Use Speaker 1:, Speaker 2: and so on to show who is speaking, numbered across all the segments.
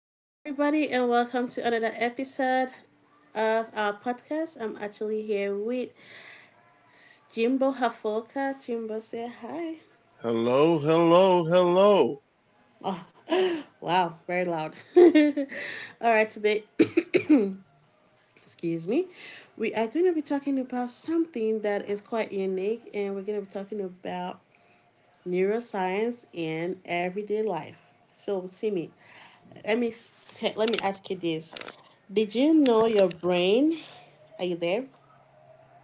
Speaker 1: Hello, everybody, and welcome to another episode of our podcast. I'm actually here with Jimbo Hafoka. Jimbo, say hi.
Speaker 2: Hello, hello, hello.
Speaker 1: Wow, very loud. All right, today, excuse me, we are going to be talking about something that is quite unique, and we're going to be talking about neuroscience and everyday life. So, Simi, let me ask you this: did you know your brain? Are you there?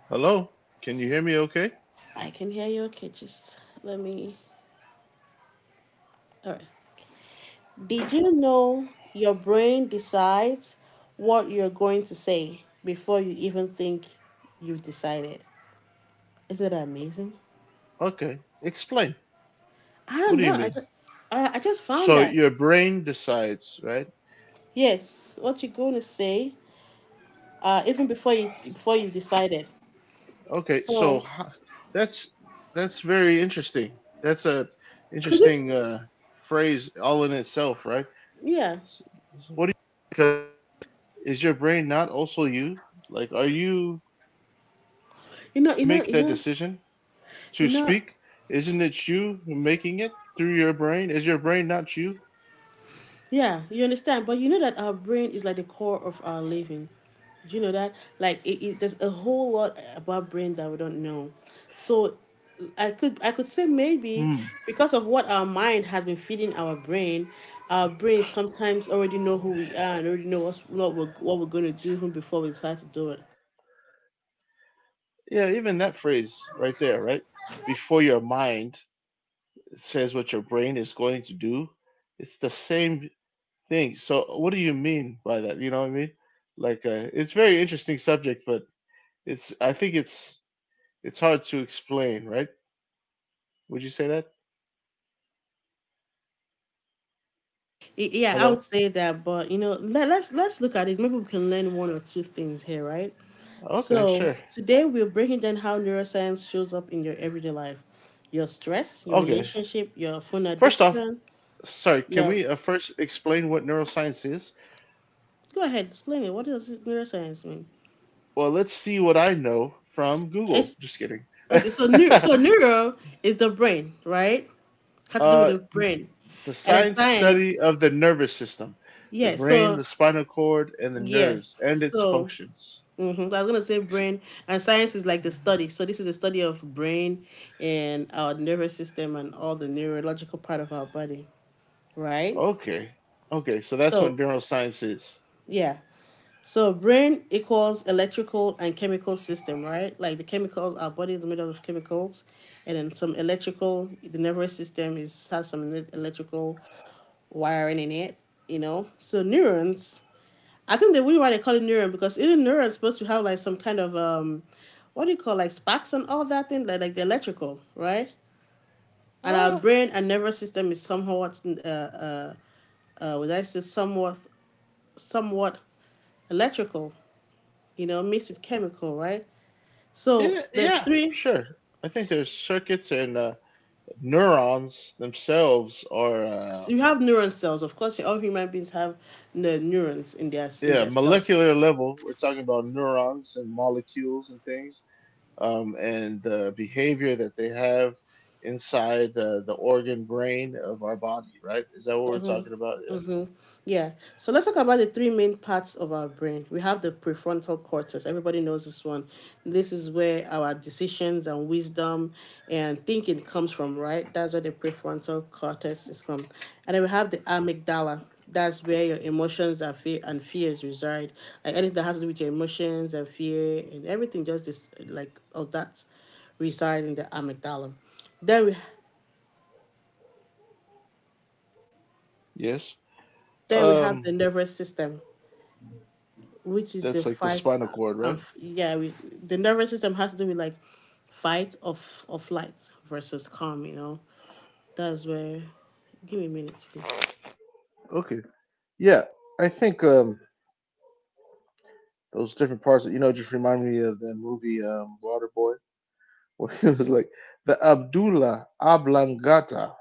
Speaker 2: Hello? Can you hear me okay?
Speaker 1: I can hear you. Okay, just let me. All right. Did you know your brain decides what you're going to say before you even think you've decided? Isn't that amazing?
Speaker 2: Okay. Explain.
Speaker 1: I
Speaker 2: What
Speaker 1: don't
Speaker 2: do
Speaker 1: know.
Speaker 2: you
Speaker 1: I
Speaker 2: mean?
Speaker 1: just, I just found
Speaker 2: So
Speaker 1: that.
Speaker 2: your brain decides, right?
Speaker 1: Yes, what you're going to say, even before you've decided.
Speaker 2: Okay.
Speaker 1: So,
Speaker 2: That's that's very interesting. That's a
Speaker 1: could it?
Speaker 2: interesting phrase all in itself, right?
Speaker 1: Yeah.
Speaker 2: S- so What do you, is your brain not also you? Like are you
Speaker 1: You
Speaker 2: make
Speaker 1: know, you
Speaker 2: that
Speaker 1: know, you know,
Speaker 2: decision to
Speaker 1: you
Speaker 2: speak?
Speaker 1: know.
Speaker 2: Isn't it you making it through your brain? Is your brain not you?
Speaker 1: Yeah, you understand. But you know that our brain is like the core of our living. Do you know that? Like it there's a whole lot about brain that we don't know. So I could
Speaker 2: Hmm.
Speaker 1: say maybe because of what our mind has been feeding our brain sometimes already know who we are and already know what we're gonna do even before we decide to do it.
Speaker 2: Yeah, even that phrase right there, right? Before your mind says what your brain is going to do, it's the same thing. So, what do you mean by that? You know what I mean? Like, it's very interesting subject, but it's I think it's hard to explain, right? Would you say that?
Speaker 1: Yeah, I
Speaker 2: Hello?
Speaker 1: would say that, but you know, let's look at it. Maybe we can learn one or two things here, right?
Speaker 2: Okay,
Speaker 1: So
Speaker 2: sure.
Speaker 1: today we're breaking down how neuroscience shows up in your everyday life, your stress, your
Speaker 2: Okay.
Speaker 1: relationship, your phone
Speaker 2: First off,
Speaker 1: addiction.
Speaker 2: sorry, can
Speaker 1: Yeah,
Speaker 2: we first explain what neuroscience is?
Speaker 1: go ahead, explain it. What does neuroscience mean?
Speaker 2: Well, let's see what I know from Google.
Speaker 1: It's
Speaker 2: Just kidding.
Speaker 1: okay. So neuro is the brain, right? Has to do with
Speaker 2: uh,
Speaker 1: the brain,
Speaker 2: The
Speaker 1: and then
Speaker 2: science study
Speaker 1: science.
Speaker 2: of the nervous system, the
Speaker 1: Yeah.
Speaker 2: brain,
Speaker 1: So,
Speaker 2: the spinal cord, and the nerves
Speaker 1: yes.
Speaker 2: and its
Speaker 1: So,
Speaker 2: functions.
Speaker 1: mm-hmm. I was gonna say brain and science is like the study. So this is the study of brain and our nervous system and all the neurological part of our body, right?
Speaker 2: Okay. Okay, so that's what
Speaker 1: So,
Speaker 2: neuroscience is.
Speaker 1: yeah. So brain equals electrical and chemical system, right? Like the chemicals, our body is made up of chemicals, and then some electrical. The nervous system is has some electrical wiring in it, you know. So neurons, I think the reason why they call it neuron, because in neuron is supposed to have like some kind of, what do you call, like sparks and all that thing, like the electrical, right? And our
Speaker 2: Uh,
Speaker 1: brain and nervous system is somewhat, would I say somewhat, somewhat electrical, you know, mixed with chemical, right? So
Speaker 2: yeah,
Speaker 1: the
Speaker 2: yeah,
Speaker 1: three
Speaker 2: sure. I think there's circuits and neurons themselves are,
Speaker 1: you have neuron cells. Of course all human beings have the neurons in
Speaker 2: yeah,
Speaker 1: their cells.
Speaker 2: molecular level. We're talking about neurons and molecules and things and the behavior that they have inside the organ brain of our body, right? Is that what we're talking about? Yeah.
Speaker 1: Yeah. So let's talk about the three main parts of our brain. We have the prefrontal cortex. Everybody knows this one. This is where our decisions and wisdom and thinking comes from, right? That's where the prefrontal cortex is from. And then we have the amygdala. That's where your emotions are, fear and fears reside. Like anything that has to do with your emotions and fear and everything just this like of that reside in the amygdala. Then we
Speaker 2: Yes.
Speaker 1: then we have the
Speaker 2: Um,
Speaker 1: nervous system, which is the
Speaker 2: that's like the
Speaker 1: fight
Speaker 2: spinal cord, right?
Speaker 1: yeah, the nervous system has to do with like fight or or flight versus calm. You know, that's where. Give me a minute, please.
Speaker 2: Okay. Yeah, I think those different parts, you know, just remind me of the movie Waterboy, where he was like the Abdullah Oblongata,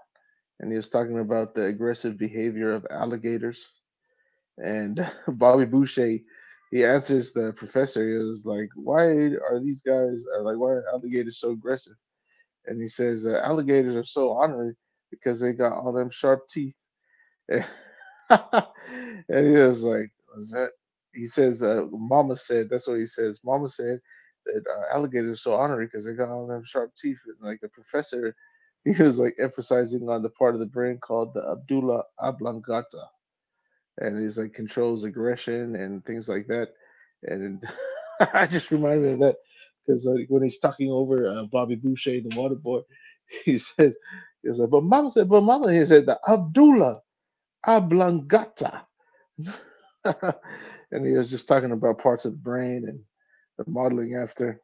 Speaker 2: and he was talking about the aggressive behavior of alligators. And Bobby Boucher, he answers the professor. He was like, "Why are these guys are like why are alligators so aggressive?" And he says, "Alligators are so ornery because they got all them sharp teeth." and he was like, "Was that?" He says, "Mama said." That's what he says. Mama said that alligators are so ornery because they got all them sharp teeth. And like the professor, he was like emphasizing on the part of the brain called the Abdullah oblongata, and he's like controls aggression and things like that. And I just reminded me of that because like when he's talking over Bobby Boucher, the water boy, he says, "He was like, but Mama said, but Mama," he said, the Abdullah oblongata and he was just talking about parts of the brain and the modeling after.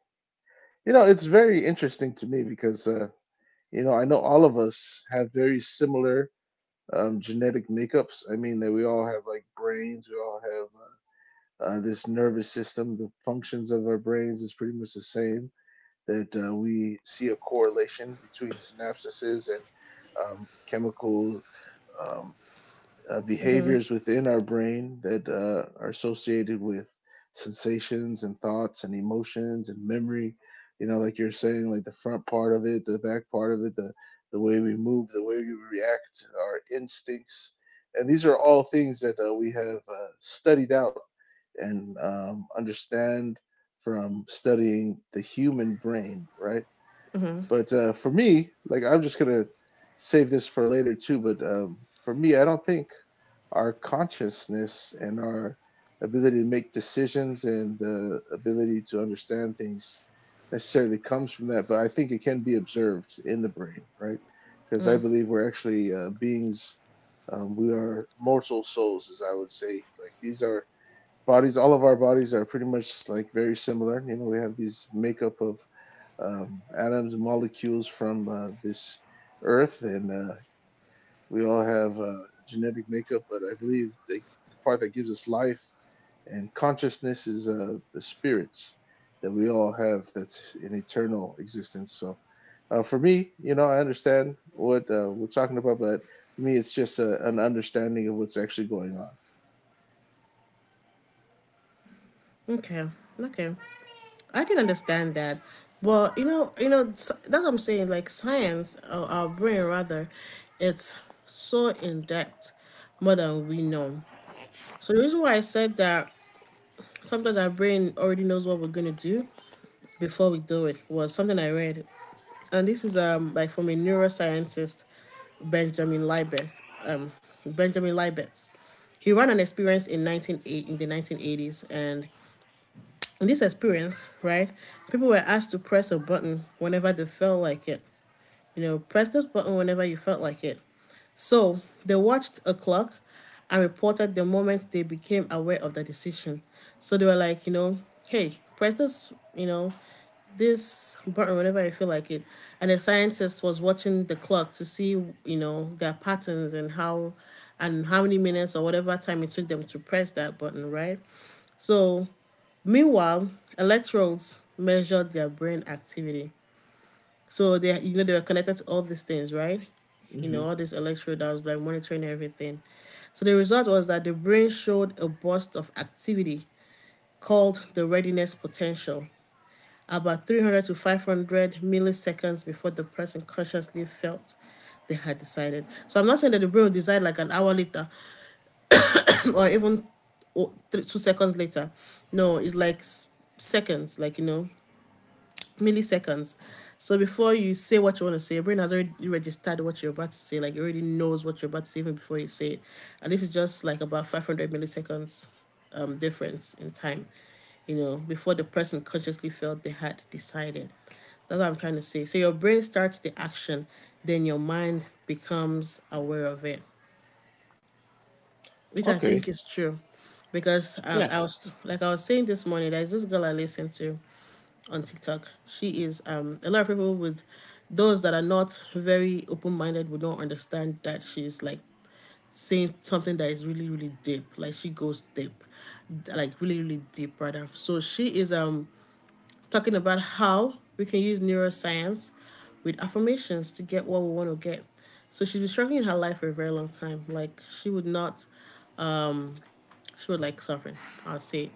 Speaker 2: You know, it's very interesting to me because, you know, I know all of us have very similar genetic makeups. I mean, that we all have like brains, we all have this nervous system, the functions of our brains is pretty much the same. That we see a correlation between synapses and chemical um, behaviors within our brain that are associated with sensations and thoughts and emotions and memory. You know, like you're saying, like the front part of it, the back part of it, the way we move, the way we react, our instincts, and these are all things that we have studied out and understand from studying the human brain, right? But for me, like I'm just gonna save this for later too. But for me, I don't think our consciousness and our ability to make decisions and the ability to understand things necessarily comes from that, but I think it can be observed in the brain, right? Because I believe we're actually beings. We are mortal souls, as I would say. Like these are bodies. All of our bodies are pretty much like very similar. You know, we have these makeup of atoms and molecules from this earth, and we all have genetic makeup, but the part that gives us life and consciousness is the spirits that we all have that's an eternal existence. So for me, you know, I understand what we're talking about, but for me, it's just an understanding of what's actually going
Speaker 1: Okay, okay, I can understand that. But, that's what I'm saying. Like science, or our brain rather, it's so in depth, more than we know. So the reason why I said that sometimes our brain already knows what we're gonna do before we do it was something I read, and this is like from a neuroscientist, Benjamin Libet. Um, Benjamin Libet. He ran an experience in the 1980s, and in this experience, right, people were asked to press a button whenever they felt like it. You know, press this button whenever you felt like it. So they watched a clock and reported the moment they became aware of the decision. So they were like, you know, hey, press this, you know, this button whenever I feel like it. And the scientist was watching the clock to see, you know, their patterns and how many minutes or whatever time it took them to press that button, right? So meanwhile, electrodes measured their brain activity. So they, you know, they were connected to all these things, right?
Speaker 2: on.
Speaker 1: You
Speaker 2: Hmm.
Speaker 1: know, all this electrode that was like monitoring everything. So the result was that the brain showed a burst of activity called the readiness potential about 300 to 500 milliseconds before the person consciously felt they had decided. So I'm not saying that the brain will decide like an hour later or even 2 seconds later. No, it's like seconds, like, you know, milliseconds. So before you say what you want to say, your brain has already registered what you're about to say. Like it already knows what you're about to say even before you say it. And this is just like about 500 milliseconds difference in time, you know, before the person consciously felt they had decided. That's what I'm trying to say. So your brain starts the action, then your mind becomes aware of it, which I think
Speaker 2: Okay.
Speaker 1: is true, because
Speaker 2: Yeah.
Speaker 1: I was saying this morning. There's this girl I listened to on TikTok. She is A lot of people, with those that are not very open minded, would not understand that she's like saying something that is really really deep. Like she goes deep, like really really deep rather. So she is talking about how we can use neuroscience with affirmations to get what we want to get. So she's been struggling in her life for a very long time. Like she would not she was like suffering. I'd say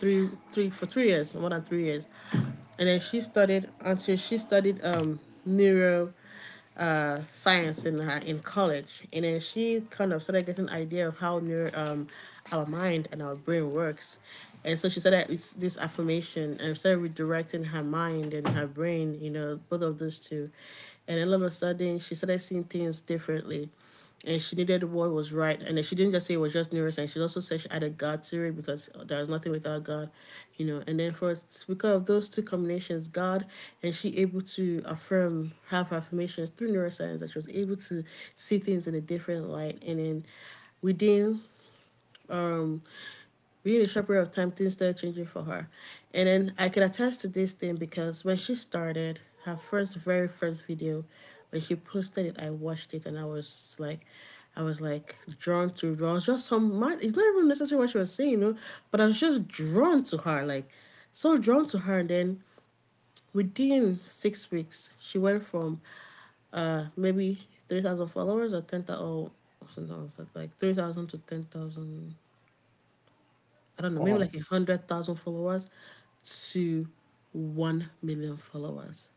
Speaker 1: 3 years, more than 3 years, and then she studied neuro science in college, and then she kind of started getting an idea of how neuro our mind and our brain works. And so she said that it's this affirmation, and started redirecting her mind and her brain, you know, both of those two. And then all of a sudden she started seeing things differently and she needed what was right. And she didn't just say it was just neuroscience. She also said she added God to it because there is nothing without God, you know. And then for because of those two combinations, God and she able to affirm, have her affirmations through neuroscience, that she was able to see things in a different light. And then within um within a short period of time, things started changing for her. And then I can attest to this thing, because when she started her first, very first video, when she posted it, I watched it and I was like, drawn to her. I was just some man. It's not even necessarily what she was saying, you know, but I was just drawn to her, like so drawn to her. And then within 6 weeks, she went from maybe 3,000 followers or 10,000, or something, like 3,000 to 10,000, I don't know, maybe
Speaker 2: Wow.
Speaker 1: like 100,000 followers to 1 million followers.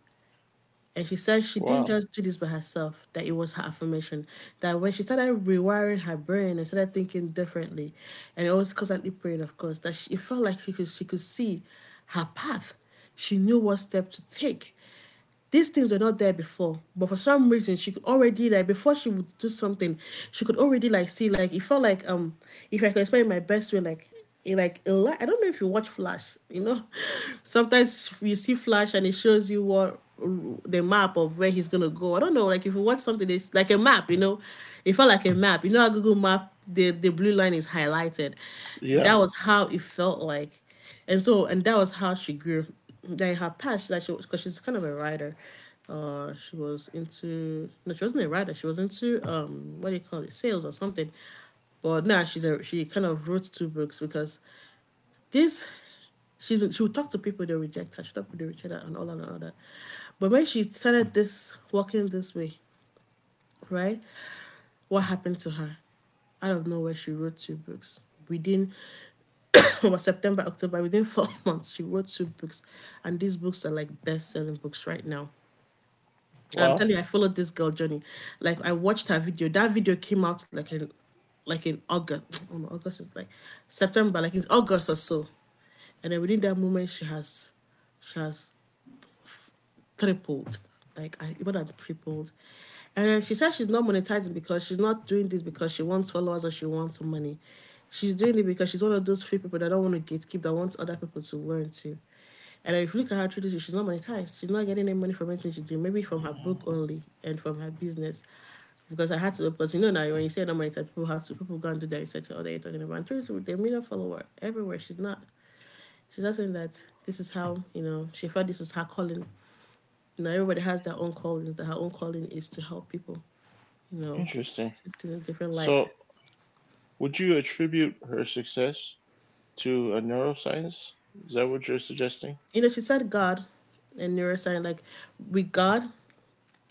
Speaker 1: And she said she didn't
Speaker 2: Wow.
Speaker 1: just do this by herself, that it was her affirmation. That when she started rewiring her brain and started thinking differently, and it was constantly praying, of course, that she, it felt like she could see her path. She knew what step to take. These things were not there before, but for some reason she could already, like, before she would do something, she could already, like, see, like it felt like, if I could explain my best way like like a light. I don't know if you watch Flash. You know, sometimes you see Flash and it shows you what the map of where he's gonna go. I don't know. Like if you watch something, it's like a map. You know, it felt like a map. You know how Google Map, the blue line is highlighted.
Speaker 2: Yeah.
Speaker 1: That was how it felt like, and so and that was how she grew. Then her past, that she, because she's kind of a writer. She was into, no, she wasn't a writer. She was into, what do you call it, sales or something. But now, nah, she kind of wrote two books because this she would talk to people, they reject her, she talked to people, they reject her, and all that and all that. But when she started this walking this way, right? What happened to her. Out of nowhere, she wrote two books. Within was September, October, within four months, she wrote two books. And these books are like best selling books right now. And I'm telling
Speaker 2: Wow.
Speaker 1: you, I followed this girl journey. Like I watched her video. That video came out like in August. Oh no, August is like September, like in August or so. And then within that moment she has tripled. Like I even than tripled. And then she said she's not monetizing because she's not doing this because she wants followers or she wants some money. She's doing it because she's one of those few people that don't want to gatekeep, that wants other people to learn too. And if you look at her through this, she's not monetized. She's not getting any money from anything she do. Maybe from her book only and from her business. Because I had to, because you know, now when you say not monetized, people have to, people go and do their research or they're talking about. And truly, with a million follower everywhere, she's not. She's just saying that this is how, you know, she felt this is her calling, you know, everybody has their own callings. That her own calling is to help people. You know,
Speaker 2: Interesting.
Speaker 1: it's in a different light.
Speaker 2: So, would you attribute her success to a neuroscience? Is that what you're suggesting?
Speaker 1: You know, she said God and neuroscience. Like with God,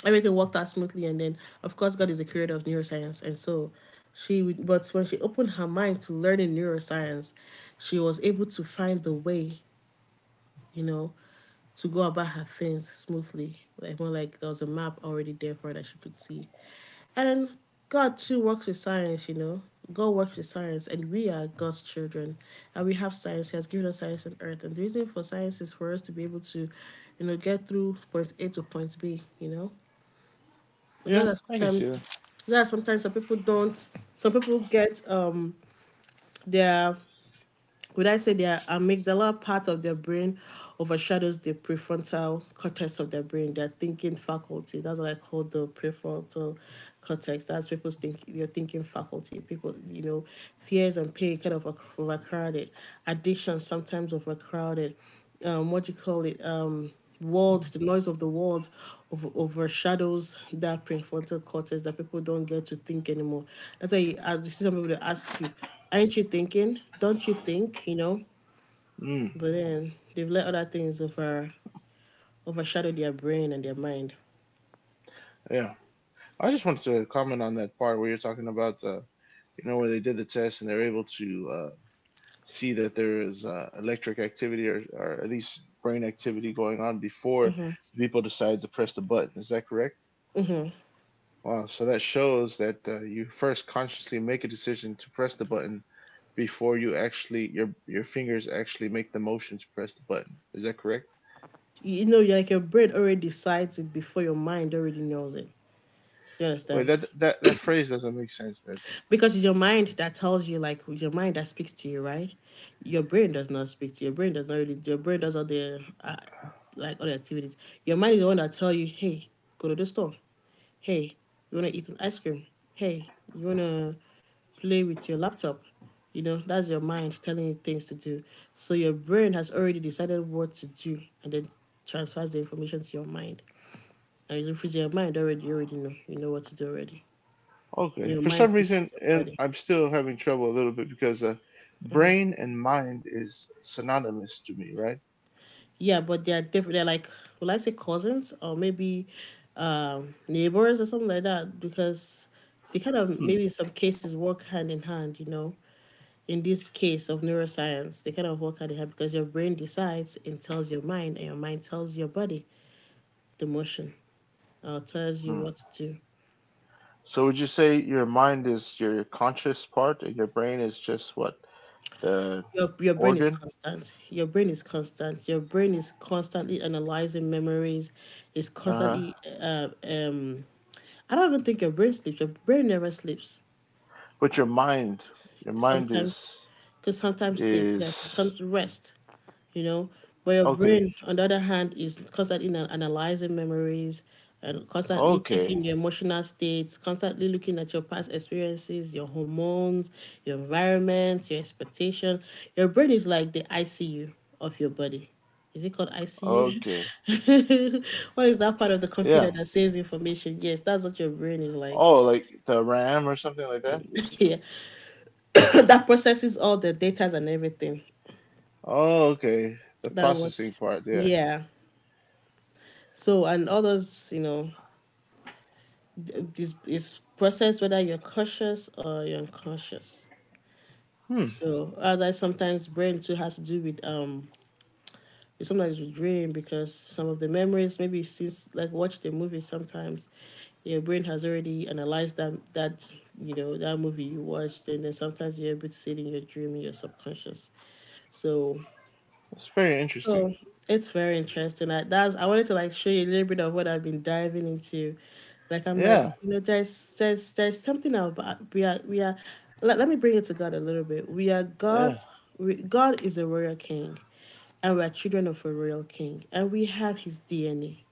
Speaker 1: everything worked out smoothly. And then, of course, God is the creator of neuroscience, and so she. But when she opened her mind to learning neuroscience, she was able to find the way, you know, to go about her things smoothly. Like more like there was a map already there for her that she could see. And God too works with science, you know. God works with science and we are God's children. And we have science. He has given us science on earth. And the reason for science is for us to be able to, you know, get through point A to point B, you know. It's
Speaker 2: Yeah,
Speaker 1: just
Speaker 2: I
Speaker 1: that
Speaker 2: can
Speaker 1: sometimes,
Speaker 2: see that.
Speaker 1: that sometimes some people don't, some people get their, would I say their amygdala part of their brain overshadows the prefrontal cortex of their brain, their thinking faculty. That's what I call the prefrontal cortex. That's people's think, your thinking faculty. People, you know, fears and pain kind of overcrowded. Addiction sometimes overcrowded, what do you call it? World, the noise of the world overshadows that prefrontal cortex that people don't get to think anymore. That's why you, I you see some people that ask you, aren't you thinking? Don't you think? You know?
Speaker 2: Mm,
Speaker 1: But then they've let other things overshadow their brain and their mind.
Speaker 2: yeah. I just wanted to comment on that part where you're talking about the, you know, where they did the test and they're able to see that there is electric activity or at least brain activity going on before people decide to press the button. Is that correct? Wow. So that shows that you first consciously make a decision to press the button before you actually your fingers actually make the motion to press the button. Is that correct?
Speaker 1: You know, you're like your brain already decides it before your mind already knows it. You
Speaker 2: Wait,
Speaker 1: understand?
Speaker 2: that phrase doesn't make sense, man.
Speaker 1: Because it's your mind that tells you, like your mind that speaks to you, right? Your brain does not speak to you. Your brain does not really, your brain does all the like all the activities. Your mind is the one that tell you, hey, go to the store. Hey, you want to eat an ice cream. Hey, you want to play with your laptop. You know, that's your mind telling you things to do. So your brain has already decided what to do and then transfers the information to your mind. And if it's in your mind already, you already know, you know what to do already.
Speaker 2: Okay.
Speaker 1: Your
Speaker 2: For
Speaker 1: mind
Speaker 2: some reason,
Speaker 1: pushes your
Speaker 2: and
Speaker 1: body.
Speaker 2: I'm still having trouble a little bit because brain and mind is synonymous to me, right?
Speaker 1: Yeah, but they're different. They're like, will I say cousins, or maybe neighbors or something like that? Because they kind of
Speaker 2: Hmm.
Speaker 1: maybe in some cases work hand in hand. You know, in this case of neuroscience, they kind of work hand in hand because your brain decides and tells your mind, and your mind tells your body the motion, or tells you
Speaker 2: Hmm.
Speaker 1: what to do.
Speaker 2: So would you say your mind is your conscious part and your brain is just what the
Speaker 1: Your brain is
Speaker 2: organ?
Speaker 1: constant. Your brain is constant. Your brain is constantly analyzing memories. It's
Speaker 2: Uh
Speaker 1: constantly
Speaker 2: huh.
Speaker 1: I don't even think your brain sleeps. Your brain never sleeps
Speaker 2: But your mind, your mind
Speaker 1: sometimes,
Speaker 2: is
Speaker 1: because sometimes sleep,
Speaker 2: is
Speaker 1: yeah, it comes to rest, you know. But your
Speaker 2: okay,
Speaker 1: brain on the other hand is constantly analyzing memories, and constantly
Speaker 2: okay,
Speaker 1: checking your emotional states, constantly looking at your past experiences, your hormones, your environment, your expectation. Your brain is like the icu of your body. Is it called
Speaker 2: okay.
Speaker 1: ICU? What is that part of the
Speaker 2: Yeah.
Speaker 1: computer that saves information? Yes, that's what your brain is like.
Speaker 2: Oh, like the RAM or something like that.
Speaker 1: Yeah, that processes all the data and everything.
Speaker 2: Oh, okay. The
Speaker 1: That
Speaker 2: processing
Speaker 1: was,
Speaker 2: part, yeah.
Speaker 1: yeah. So, and others, you know, this is process whether you're conscious or you're unconscious.
Speaker 2: Hmm,
Speaker 1: So, other sometimes brain too has to do with sometimes with dream, because some of the memories maybe since like watch the movie sometimes, your brain has already analyzed that you know that movie you watched, and then sometimes you're able to see it in your dream in your subconscious. So,
Speaker 2: that's very interesting.
Speaker 1: so it's very interesting. That's I wanted to like show you a little bit of what I've been diving into. Like I'm like,
Speaker 2: Yeah,
Speaker 1: you know, there's something about we are, let me bring it to God a little bit. We are
Speaker 2: yeah,
Speaker 1: God's, God is a royal king, and we are children of a royal king, and we have His DNA.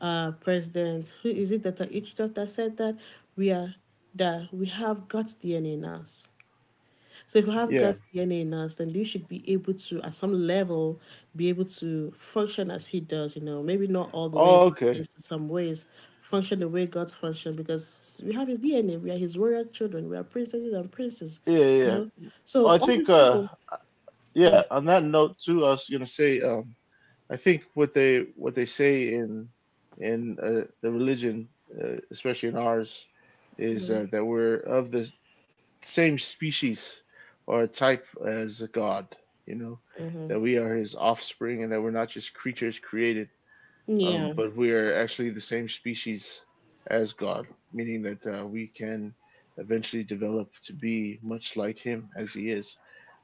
Speaker 1: President, who is it that each doctor said that we are that we have God's DNA in us. So if you have
Speaker 2: yeah.
Speaker 1: gut DNA in us, then you should be able to, at some level, be able to function as he does, you know, maybe not all the way,
Speaker 2: Oh,
Speaker 1: but at
Speaker 2: okay.
Speaker 1: least in some ways, function the way God's function, because we have his DNA, we are his royal children, we are princesses and princes,
Speaker 2: Yeah,
Speaker 1: you
Speaker 2: yeah.
Speaker 1: know. So
Speaker 2: Well, I
Speaker 1: all these
Speaker 2: think,
Speaker 1: people, go
Speaker 2: yeah.
Speaker 1: ahead.
Speaker 2: On that note, too, I was gonna say, I think what they say in the religion, especially in ours, is that we're of the same species or type as God. You know, that we are His offspring, and that we're not just creatures created
Speaker 1: Yeah.
Speaker 2: but we are actually the same species as God, meaning that we can eventually develop to be much like Him as He is.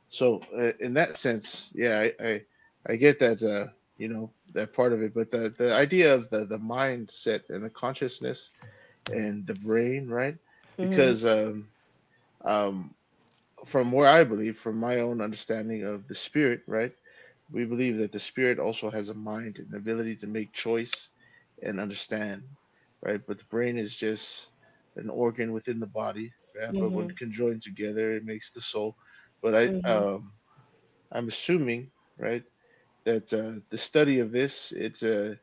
Speaker 2: So, in that sense, yeah, I get that you know that part of it, but the idea of the mindset and the consciousness and the brain, right? Because um, from where I believe, from my own understanding of the spirit, right? We believe that the spirit also has a mind and ability to make choice and understand, right? But the brain is just an organ within the body, yeah? But when conjoined together, it makes the soul. But I'm assuming, right? That the study of this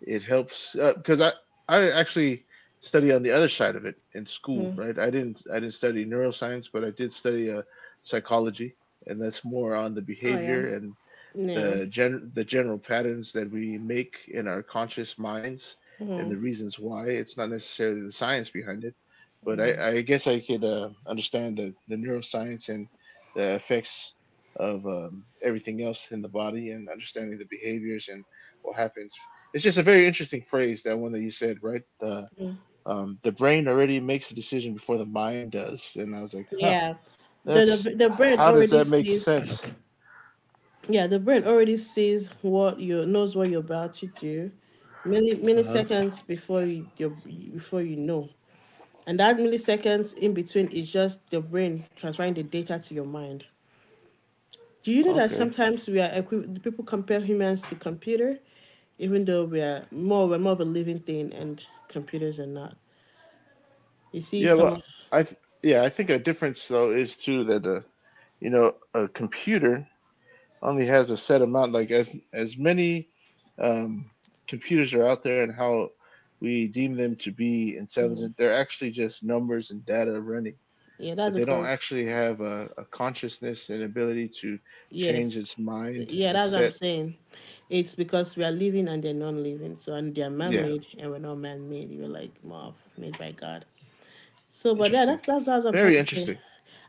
Speaker 2: it helps because uh, I actually study on the other side of it in school, right? I didn't study neuroscience, but I did study psychology, and that's more on the
Speaker 1: Oh yeah.
Speaker 2: behavior and
Speaker 1: Yeah.
Speaker 2: the general patterns that we make in our conscious minds and the reasons why. It's not necessarily the science behind it, but I guess I could understand the neuroscience and the effects of everything else in the body and understanding the behaviors and what happens. It's just a very interesting phrase that one that you said, right? The brain already makes a decision before the mind does, and I was like, huh,
Speaker 1: Yeah.
Speaker 2: that's
Speaker 1: The brain
Speaker 2: how does
Speaker 1: already
Speaker 2: that make
Speaker 1: sees.
Speaker 2: sense?
Speaker 1: Yeah, the brain already sees what you knows what you're about to do many
Speaker 2: Uh huh.
Speaker 1: milliseconds before you your, before you know. And that milliseconds in between is just your brain transferring the data to your mind. Do you know that
Speaker 2: Okay,
Speaker 1: sometimes we are people compare humans to computer, even though we're more of a living thing and computers are not. You see
Speaker 2: Yeah,
Speaker 1: some
Speaker 2: well,
Speaker 1: of,
Speaker 2: yeah, I think a difference though is too that you know a computer only has a set amount. Like as many um, computers are out there and how we deem them to be intelligent, they're actually just numbers and data running,
Speaker 1: yeah, that's
Speaker 2: but they don't
Speaker 1: because,
Speaker 2: actually have a consciousness and ability to change
Speaker 1: yes.
Speaker 2: its mind
Speaker 1: Yeah,
Speaker 2: and
Speaker 1: that's what I'm
Speaker 2: set.
Speaker 1: saying. It's because we are living and they're non living. So, and they're man
Speaker 2: Yeah,
Speaker 1: made and we're not man made. We're like more of made by God. So, but yeah,
Speaker 2: interesting.
Speaker 1: that's what I'm trying
Speaker 2: Very
Speaker 1: to say.
Speaker 2: interesting.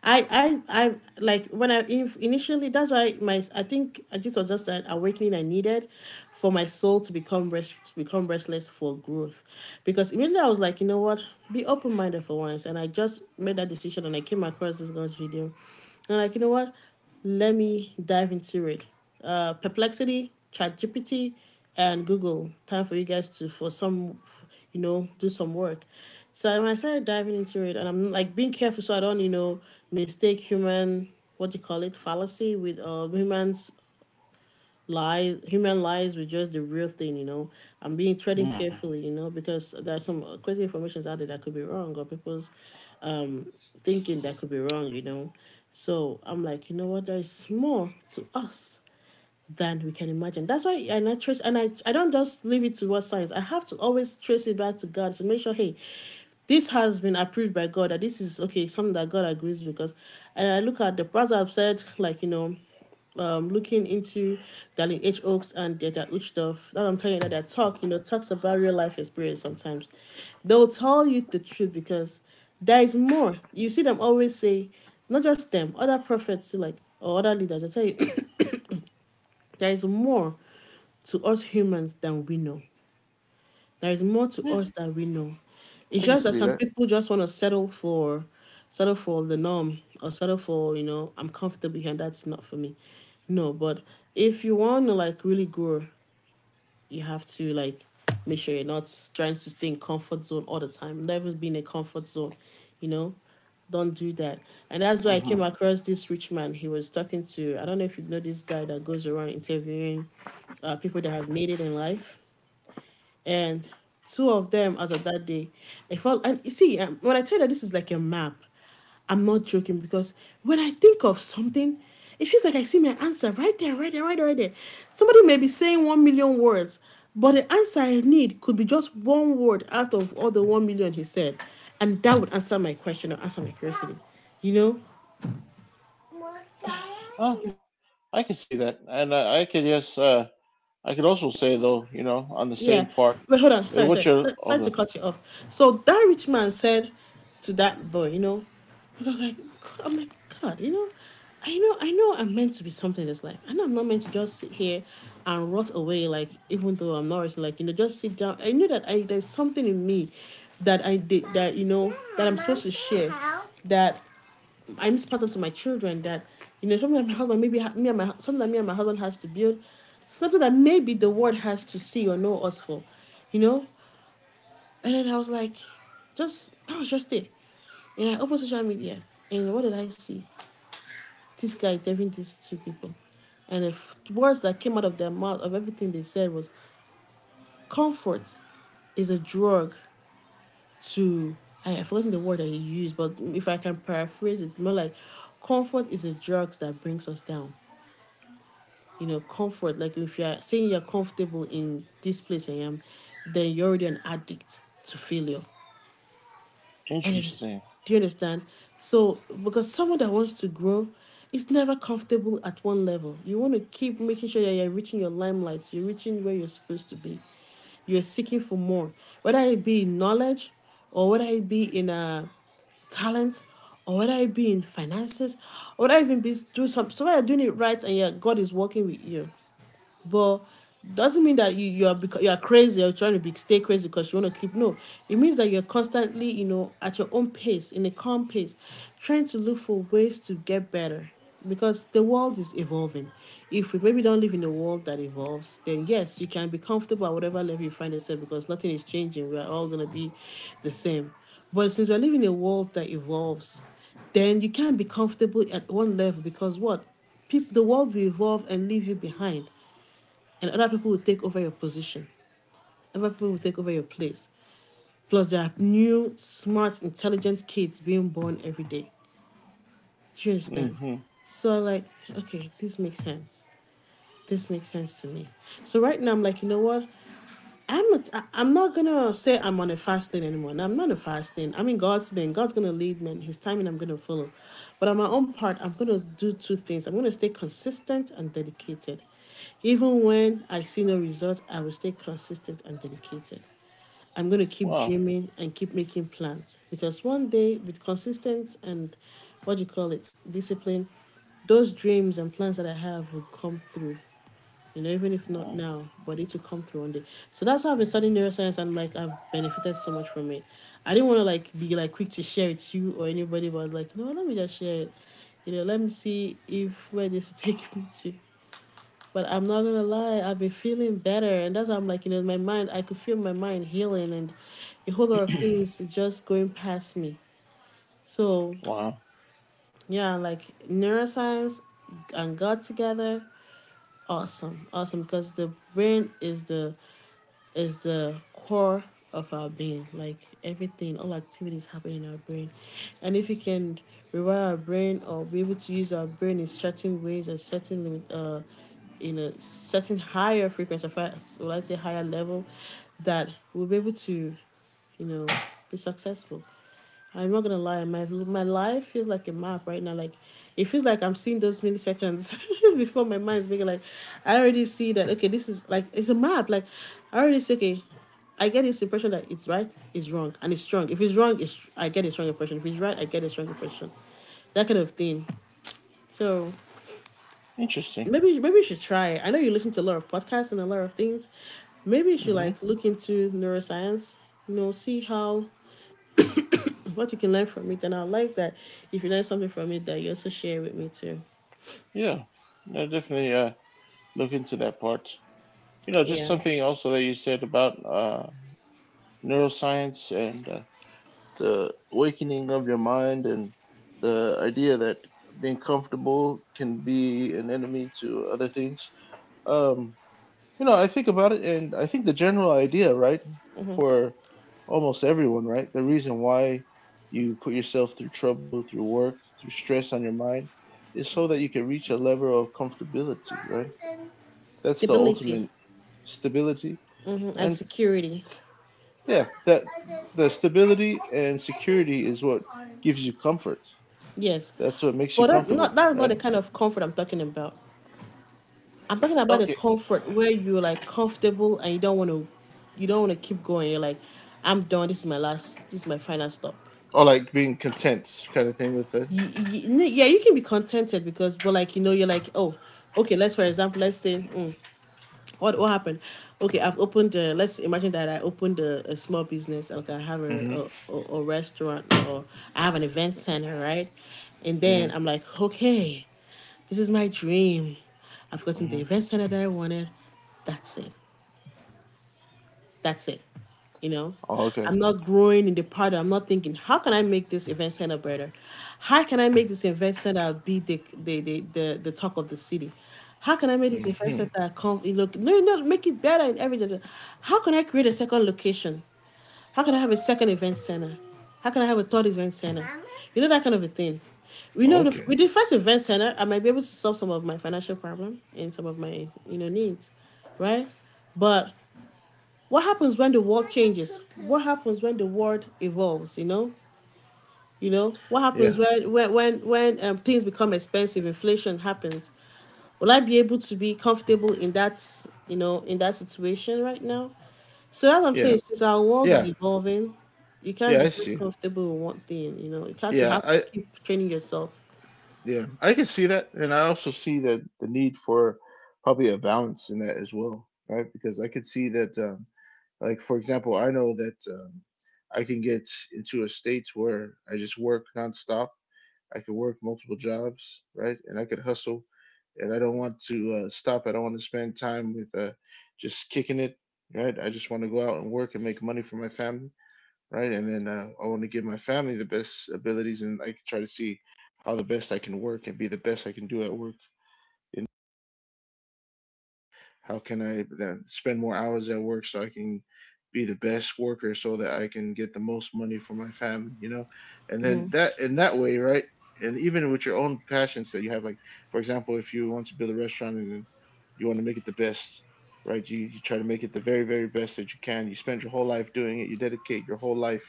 Speaker 1: I I like when I, if initially that's why my, I think this was just an awakening I needed for my soul to become rest, to become restless for growth, because immediately I was like, you know what, be open minded for once, and I just made that decision, and I came across this girl's video, and like you know what, let me dive into it. Perplexity, ChatGPT, and Google. Time for you guys to, for some, you know, do some work. So when I started diving into it, and I'm like being careful so I don't, you know, mistake human, what do you call it, fallacy, with humans lies, human lies, with just the real thing, you know. I'm being treading
Speaker 2: Hmm.
Speaker 1: carefully, you know, because there's some crazy informations out there that could be wrong, or people's thinking that could be wrong, you know. So I'm like, you know what, there's more to us than we can imagine. That's why, and I trace, and I don't just leave it to what science. I have to always trace it back to God to make sure, hey, this has been approved by God, that this is okay, something that God agrees, because, and I look at the parts I've said, like, you know, looking into Darlene H. Oaks and Deta Uchtoff, that I'm telling you that their talk, you know, talks about real life experience sometimes. They'll tell you the truth, because there is more. You see them always say, not just them, other prophets too, like, or other leaders, I'll tell you, there is more to us humans than we know. There is more to
Speaker 2: Yeah,
Speaker 1: us than we know. It's
Speaker 2: I can
Speaker 1: just that
Speaker 2: see
Speaker 1: some
Speaker 2: that.
Speaker 1: people just want to settle for the norm, or settle for, you know, I'm comfortable here, that's not for me. No, but if you want to like really grow, you have to like make sure you're not trying to stay in comfort zone all the time. Never be in a comfort zone, you know, don't do that. And that's why I
Speaker 2: Hmm.
Speaker 1: came across this rich man. He was talking to, I don't know if you know this guy that goes around interviewing people that have made it in life, and two of them as of that day, I felt. And you see, when I tell you that this is like a map, I'm not joking, because when I think of something, it feels like I see my answer right there, right there, right there, right there. Somebody may be saying one million words, but the answer I need could be just one word out of all the one million he said, and that would answer my question or answer my curiosity. You know,
Speaker 2: Oh, I can see that, and I could yes. I could also say though, you know, on the
Speaker 1: Yeah.
Speaker 2: same part,
Speaker 1: But hold on. Sorry,
Speaker 2: what
Speaker 1: sorry. No,
Speaker 2: are
Speaker 1: sorry to
Speaker 2: okay,
Speaker 1: cut you off. So that rich man said to that boy, you know, because I was like, I'm like, God, I know I'm meant to be something in this life. I know I'm not meant to just sit here and rot away, like, even though I'm not rich, like, just sit down. I knew that I there's something in me that I did, that, that I'm supposed to share, that I need to pass on to my children, that, you know, sometimes my husband, maybe me and my sometimes me and my husband has to build something that maybe the world has to see or know us for, you know. And then I was like, just that was just it. And I opened social media, and what did I see? This guy interviewing these two people, and the words that came out of their mouth of everything they said was comfort is a drug to I have forgotten the word that he used, but if I can paraphrase it, it's more like comfort is a drug that brings us down. Comfort. Like if you're saying you're comfortable in this place I am, then you're already an addict to failure. And then,
Speaker 2: interesting.
Speaker 1: do you understand? So because someone that wants to grow is never comfortable at one level. You want to keep making sure that you're reaching your limelight, you're reaching where you're supposed to be. You're seeking for more, whether it be in knowledge or whether it be in a talent or whether it be in finances or whether even be do some, so whether you're doing it right, and yeah, God is working with you, but doesn't mean that you are because you are crazy or trying to be stay crazy because you want to keep. No. It means that you're constantly, at your own pace, in a calm pace, trying to look for ways to get better because the world is evolving. If we maybe don't live in a world that evolves, then yes, you can be comfortable at whatever level you find yourself because nothing is changing. We are all gonna be the same. But since we're living in a world that evolves, then you can't be comfortable at one level because what people the world will evolve and leave you behind, and other people will take over your position. Other people will take over your place. Plus, there are new, smart, intelligent kids being born every day. Do you understand?
Speaker 2: Mm-hmm.
Speaker 1: So, like, okay, this makes sense. This makes sense to me. So, right now, I'm like, you know what? I am not gonna say I'm on a fasting anymore. No, I'm not a fasting. I'm in God's lane. God's gonna lead me, and His timing I'm gonna follow. But on my own part, I'm gonna do two things. I'm gonna stay consistent and dedicated. Even when I see no result, I will stay consistent and dedicated. I'm gonna keep
Speaker 2: Wow.
Speaker 1: dreaming and keep making plans because one day, with consistency and, what do you call it, discipline, those dreams and plans that I have will come through. Even if
Speaker 2: Mm.
Speaker 1: not now, but it will come through one day. So that's how I've been studying neuroscience, and, like, I've benefited so much from it. I didn't want to, like, be like quick to share it to you or anybody, but I was like, you know what, let me just share it. Let me see if, where this will take me to. But I'm not gonna lie, I've been feeling better, and that's how I'm like, my mind I could feel my mind healing and a whole lot of things just going past me. So
Speaker 2: Wow.
Speaker 1: yeah, like, neuroscience and God together, awesome. Awesome, because the brain is the core of our being. Like, everything, all activities happen in our brain. And if we can rewire our brain or be able to use our brain in certain ways and certain limit, in a certain higher frequency, well, I say higher level, that we'll be able to, you know, be successful. I'm not gonna lie, my life feels like a map right now. Like, it feels like I'm seeing those milliseconds before my mind's making, like, I already see that, okay, this is like it's a map. Like, I already see, okay, I get this impression that it's right, it's wrong, and it's strong. If it's wrong, it's I get a strong impression. If it's right, I get a strong impression. That kind of thing. So
Speaker 2: Interesting.
Speaker 1: maybe you should try it. I know you listen to a lot of podcasts and a lot of things. Maybe you should,
Speaker 2: Mm-hmm.
Speaker 1: like, look into neuroscience. You know, see how What you can learn from it, and I like that, if you learn something from it, that you also share with me too.
Speaker 2: Yeah. No, definitely. Look into that part. You know, just
Speaker 1: Yeah,
Speaker 2: something also that you said about neuroscience and the awakening of your mind and the idea that being comfortable can be an enemy to other things. Um, You know, I think about it, and I think the general idea, right, for almost everyone, right, the reason why you put yourself through trouble, through work, through stress on your mind, is so that you can reach a level of comfortability, right? That's the
Speaker 1: stability,
Speaker 2: ultimate stability.
Speaker 1: and
Speaker 2: And
Speaker 1: security.
Speaker 2: yeah, that the stability and security is what gives you comfort.
Speaker 1: Yes,
Speaker 2: That's what makes you
Speaker 1: but
Speaker 2: comfortable,
Speaker 1: that's not
Speaker 2: right?
Speaker 1: the kind of comfort I'm talking about. I'm talking about the
Speaker 2: Okay.
Speaker 1: comfort where you're, like, comfortable and you don't want to, keep going. You're like, I'm done. This is my last. This is my final stop.
Speaker 2: Or like being content, kind of thing with it.
Speaker 1: You, yeah, you can be contented but, like, you know, you're like, oh, okay. Let's for example, let's say, what happened? Okay, Let's imagine that I opened a small business. Okay, I have
Speaker 2: Mm-hmm.
Speaker 1: a restaurant, or I have an event center, right? And then
Speaker 2: Mm-hmm.
Speaker 1: I'm like, okay, this is my dream. I've gotten the
Speaker 2: Hmm.
Speaker 1: event center that I wanted. That's it. That's it. You know,
Speaker 2: Oh, okay.
Speaker 1: I'm not growing in the part. I'm not thinking, how can I make this event center better? How can I make this event center be the talk of the city? How can I make this event
Speaker 2: Mm-hmm.
Speaker 1: center come? No, no, make it better in everything. How can I create a second location? How can I have a second event center? How can I have a third event center? You know, that kind of a thing. We know the,
Speaker 2: Okay.
Speaker 1: with the first event center, I might be able to solve some of my financial problem and some of my, needs, right? But what happens when the world changes? What happens when the world evolves? What happens
Speaker 2: Yeah,
Speaker 1: when things become expensive? Inflation happens. Will I be able to be comfortable in that, in that situation right now? So that's what I'm
Speaker 2: yeah,
Speaker 1: saying. Since our world is
Speaker 2: yeah,
Speaker 1: evolving, you can't
Speaker 2: yeah.
Speaker 1: be
Speaker 2: I
Speaker 1: just
Speaker 2: see.
Speaker 1: comfortable with one thing. You have to
Speaker 2: Yeah,
Speaker 1: have to
Speaker 2: I
Speaker 1: keep training yourself.
Speaker 2: yeah, I can see that, and I also see that the need for probably a balance in that as well, right? Because I could see that, like for example, I know that I can get into a state where I just work nonstop. I can work multiple jobs, right? And I could hustle, and I don't want to stop. I don't want to spend time with just kicking it, right? I just want to go out and work and make money for my family, right? And then I want to give my family the best abilities, and I try to see how the best I can work and be the best I can do at work. And how can I then spend more hours at work so I can be the best worker, so that I can get the most money for my family, you know? And then that in that way, right? And even with your own passions that you have, like for example, if you want to build a restaurant and you want to make it the best. Right, you try to make it the very, very best that you can. You spend your whole life doing it. You dedicate your whole life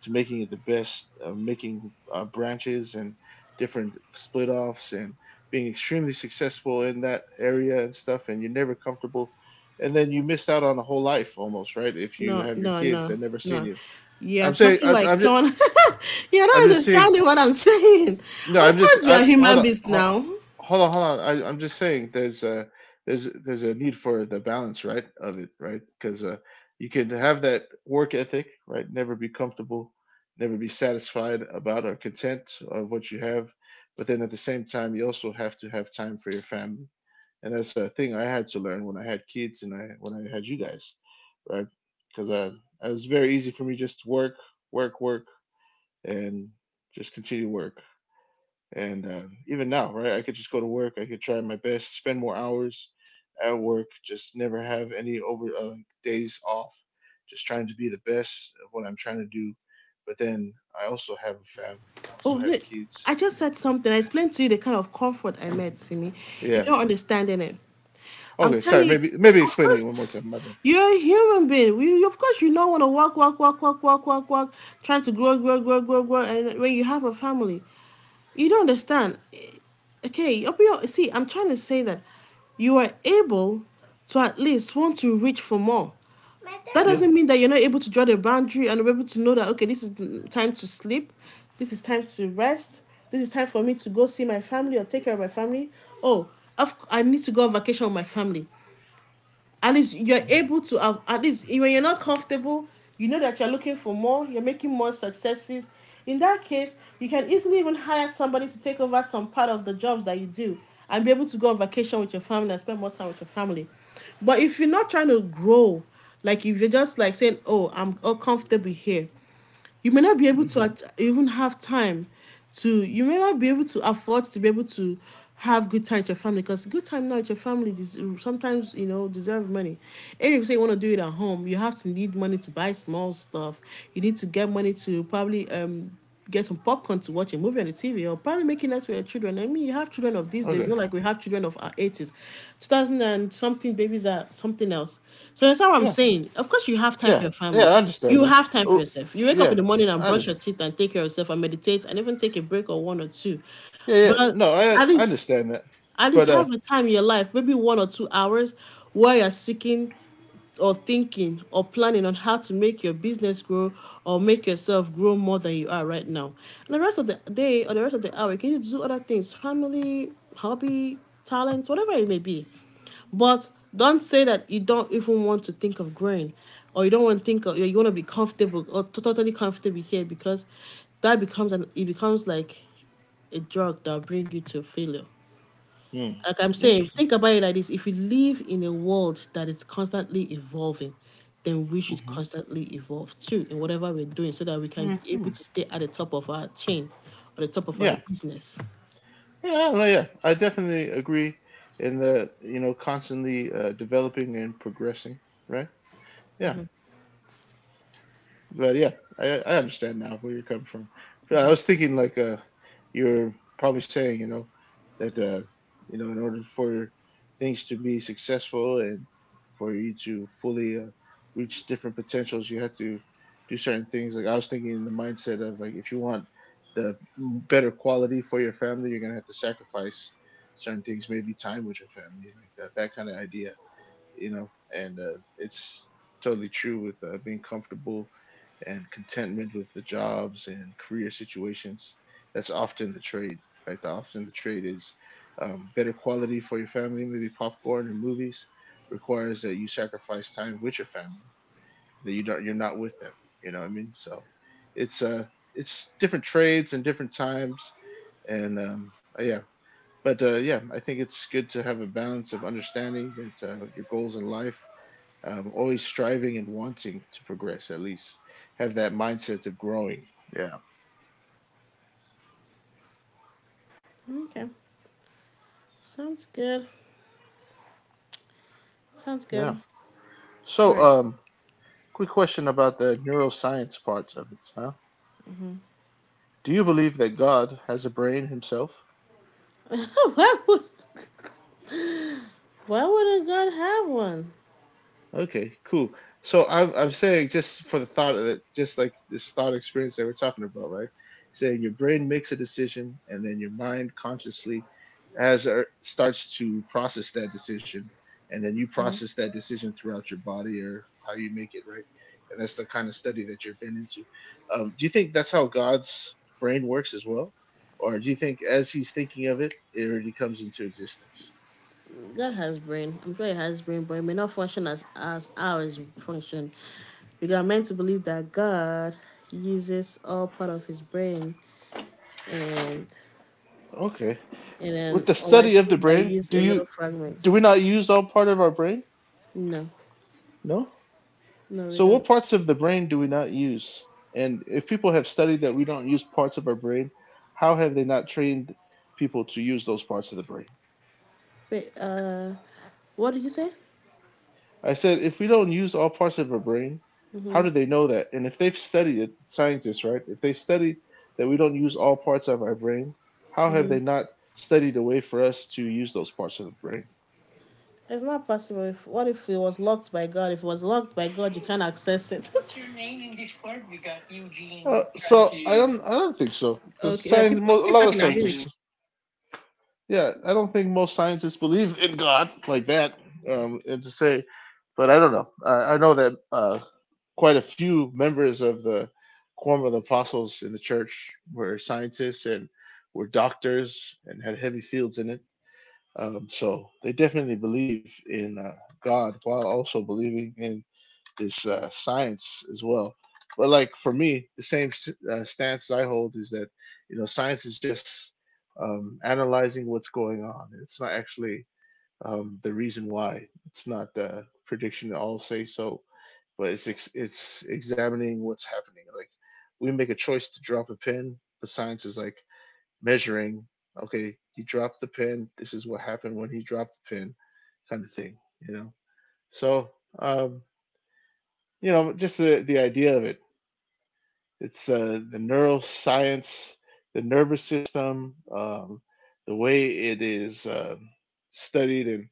Speaker 2: to making it the best, making branches and different split offs and being extremely successful in that area and stuff. And you're never comfortable. And then you missed out on a whole life almost, right? If you
Speaker 1: No,
Speaker 2: have your
Speaker 1: no,
Speaker 2: kids,
Speaker 1: no,
Speaker 2: they've never seen
Speaker 1: no.
Speaker 2: you.
Speaker 1: You're
Speaker 2: I'm saying,
Speaker 1: talking
Speaker 2: I,
Speaker 1: like
Speaker 2: I'm just,
Speaker 1: someone. You're
Speaker 2: I'm
Speaker 1: not
Speaker 2: just seeing.
Speaker 1: understanding what I'm saying.
Speaker 2: No,
Speaker 1: Of
Speaker 2: I'm just.
Speaker 1: course, we are
Speaker 2: I hold
Speaker 1: human
Speaker 2: on.
Speaker 1: beings
Speaker 2: hold
Speaker 1: now.
Speaker 2: hold on, hold on. I'm just saying there's a there's there's a need for the balance, right, of it, right? Because you can have that work ethic, right? Never be comfortable, never be satisfied about or content of what you have, but then at the same time, you also have to have time for your family, and that's a thing I had to learn when I had kids and I when I had you guys, right? Because I it was very easy for me just to work, work, work, and just continue to work. And even now, right, I could just go to work. I could try my best, spend more hours at work, just never have any over like days off. Just trying to be the best of what I'm trying to do. But then I also have a family. I also
Speaker 1: Oh,
Speaker 2: have
Speaker 1: wait. I
Speaker 2: kids.
Speaker 1: just said something. I explained to you the kind of comfort I met, Simi.
Speaker 2: Yeah.
Speaker 1: You're not understanding it. I'm
Speaker 2: Okay. Sorry.
Speaker 1: telling you,
Speaker 2: Maybe
Speaker 1: of
Speaker 2: explain it
Speaker 1: course,
Speaker 2: one more time. My bad.
Speaker 1: you're a human being. You, of course, you don't want to walk, walk, walk, walk, walk, walk, walk, trying to grow, grow, grow, grow, grow. And when you have a family, you don't understand. Okay, open your, see, I'm trying to say that you are able to at least want to reach for more. That
Speaker 2: Yeah.
Speaker 1: doesn't mean that you're not able to draw the boundary and be able to know that, okay, this is time to sleep, this is time to rest, this is time for me to go see my family or take care of my family. Oh, I need to go on vacation with my family.
Speaker 2: Hmm.
Speaker 1: At least when you're not comfortable, you know that you're looking for more, you're making more successes. In that case you can easily even hire somebody to take over some part of the jobs that you do and be able to go on vacation with your family and spend more time with your family. But if you're not trying to grow, like if you're just like saying, oh, I'm all comfortable here, you may not be able to
Speaker 2: Hmm.
Speaker 1: even have time to you may not be able to afford to be able to have good time with your family, because good time now with your family, sometimes, you know, deserve money. And if you say you want to do it at home, you have to need money to buy small stuff. You need to get money to probably get some popcorn to watch a movie on the TV, or probably making that to your children. I mean, you have children of these days,
Speaker 2: Okay.
Speaker 1: not like we have children of our 80s. 2000 and something babies are something else. So that's how I'm
Speaker 2: Yeah.
Speaker 1: saying. Of course, you have time for
Speaker 2: Yeah.
Speaker 1: your
Speaker 2: Yeah,
Speaker 1: family.
Speaker 2: I understand
Speaker 1: You
Speaker 2: that.
Speaker 1: have time for
Speaker 2: Oh,
Speaker 1: yourself. You wake up in
Speaker 2: yeah.
Speaker 1: the morning and
Speaker 2: I
Speaker 1: brush
Speaker 2: just,
Speaker 1: your teeth and take care of yourself and meditate and even take a break or one or two.
Speaker 2: yeah. Yeah.
Speaker 1: But
Speaker 2: No, I
Speaker 1: at
Speaker 2: I
Speaker 1: least
Speaker 2: understand that.
Speaker 1: at
Speaker 2: But
Speaker 1: least
Speaker 2: uh.
Speaker 1: have a time in your life, maybe 1 or 2 hours, where you're seeking or thinking or planning on how to make your business grow or make yourself grow more than you are right now. And the rest of the day or the rest of the hour, you can just do other things, family, hobby, talents, whatever it may be. But don't say that you don't even want to think of growing, or you don't want to think of, you want to be comfortable or totally comfortable here, because that becomes an, it becomes like a drug that will bring you to failure.
Speaker 2: Hmm.
Speaker 1: Like I'm saying,
Speaker 2: Interesting.
Speaker 1: think about it like this: if we live in a world that is constantly evolving, then we should constantly evolve too in whatever we're doing, so that we
Speaker 2: Hmm.
Speaker 1: can be
Speaker 2: Hmm.
Speaker 1: able to stay at the top of our chain or the top of our
Speaker 2: Yeah.
Speaker 1: business.
Speaker 2: Yeah, no, yeah, I definitely agree in that, you know, constantly developing and progressing, right? Yeah. But yeah, I understand now where you're coming from. But I was thinking like you're probably saying, you know, that you know, in order for things to be successful and for you to fully reach different potentials, you have to do certain things. Like I was thinking in the mindset of like if you want the better quality for your family, you're gonna have to sacrifice certain things, maybe time with your family, like that kind of idea, you know, and it's totally true with being comfortable and contentment with the jobs and career situations. That's often the trade, right? Often the trade is better quality for your family, maybe popcorn or movies, requires that you sacrifice time with your family that you're not with them. You know what I mean? So it's uh it's different trades and different times, and yeah. But yeah, I think it's good to have a balance of understanding that your goals in life, always striving and wanting to progress, at least have that mindset of growing, yeah.
Speaker 1: Okay. Sounds good. Sounds
Speaker 2: Yeah,
Speaker 1: good. All
Speaker 2: so
Speaker 1: right.
Speaker 2: quick question about the neuroscience part of it, huh? Do you believe that God has a brain himself?
Speaker 1: Why wouldn't why would God have one?
Speaker 2: Okay, cool. So I'm saying just for the thought of it, just like this thought experience that we're talking about, right? Saying your brain makes a decision and then your mind consciously as or starts to process that decision, and then you process that decision throughout your body or how you make it, right? And that's the kind of study that you've been into. Do you think that's how God's brain works as well, or do you think as He's thinking of it, it already comes into existence?
Speaker 1: God has brain. I'm sure he has brain, but it may not function as ours function. We are meant to believe that God uses all part of his brain, and
Speaker 2: Okay.
Speaker 1: and
Speaker 2: With
Speaker 1: then,
Speaker 2: the
Speaker 1: or like
Speaker 2: study of the
Speaker 1: we
Speaker 2: brain,
Speaker 1: use
Speaker 2: do
Speaker 1: a
Speaker 2: you—
Speaker 1: little fragment.
Speaker 2: do we not use all part of our brain?
Speaker 1: No,
Speaker 2: No.
Speaker 1: no, we
Speaker 2: So what
Speaker 1: don't.
Speaker 2: parts of the brain do we not use? And if people have studied that we don't use parts of our brain, how have they not trained people to use those parts of the brain?
Speaker 1: Wait, what did you say?
Speaker 2: I said, if we don't use all parts of our brain, how do they know that? And if they've studied it, scientists, right? If they studied that we don't use all parts of our brain, how have they not studied a way for us to use those parts of the brain?
Speaker 1: It's not possible. If, what if it was locked by God? If it was locked by God, you can't access it. What's your name in Discord? We got Eugene trying
Speaker 2: So
Speaker 1: to.
Speaker 2: I don't think so, because
Speaker 1: Okay, oh,
Speaker 2: science,
Speaker 1: keep
Speaker 2: mo- a
Speaker 1: yes,
Speaker 2: lot of
Speaker 1: talking. I'll be trying be to.
Speaker 2: scientists,
Speaker 1: Rich.
Speaker 2: yeah, I don't think most scientists believe in God like that. And to say, but I don't know. I know that quite a few members of the Quorum of the Apostles in the church were scientists and were doctors and had heavy fields in it. So they definitely believe in God while also believing in is science as well. But like for me, the same stance I hold is that, you know, science is just analyzing what's going on. It's not actually the reason why. It's not the prediction. All say so, but it's ex- it's examining what's happening. Like we make a choice to drop a pin, but science is like measuring. Okay, he dropped the pin. This is what happened when he dropped the pin, kind of thing. You know. So um, you know, just the idea of it. It's the neuroscience, the nervous system, the way it is studied, and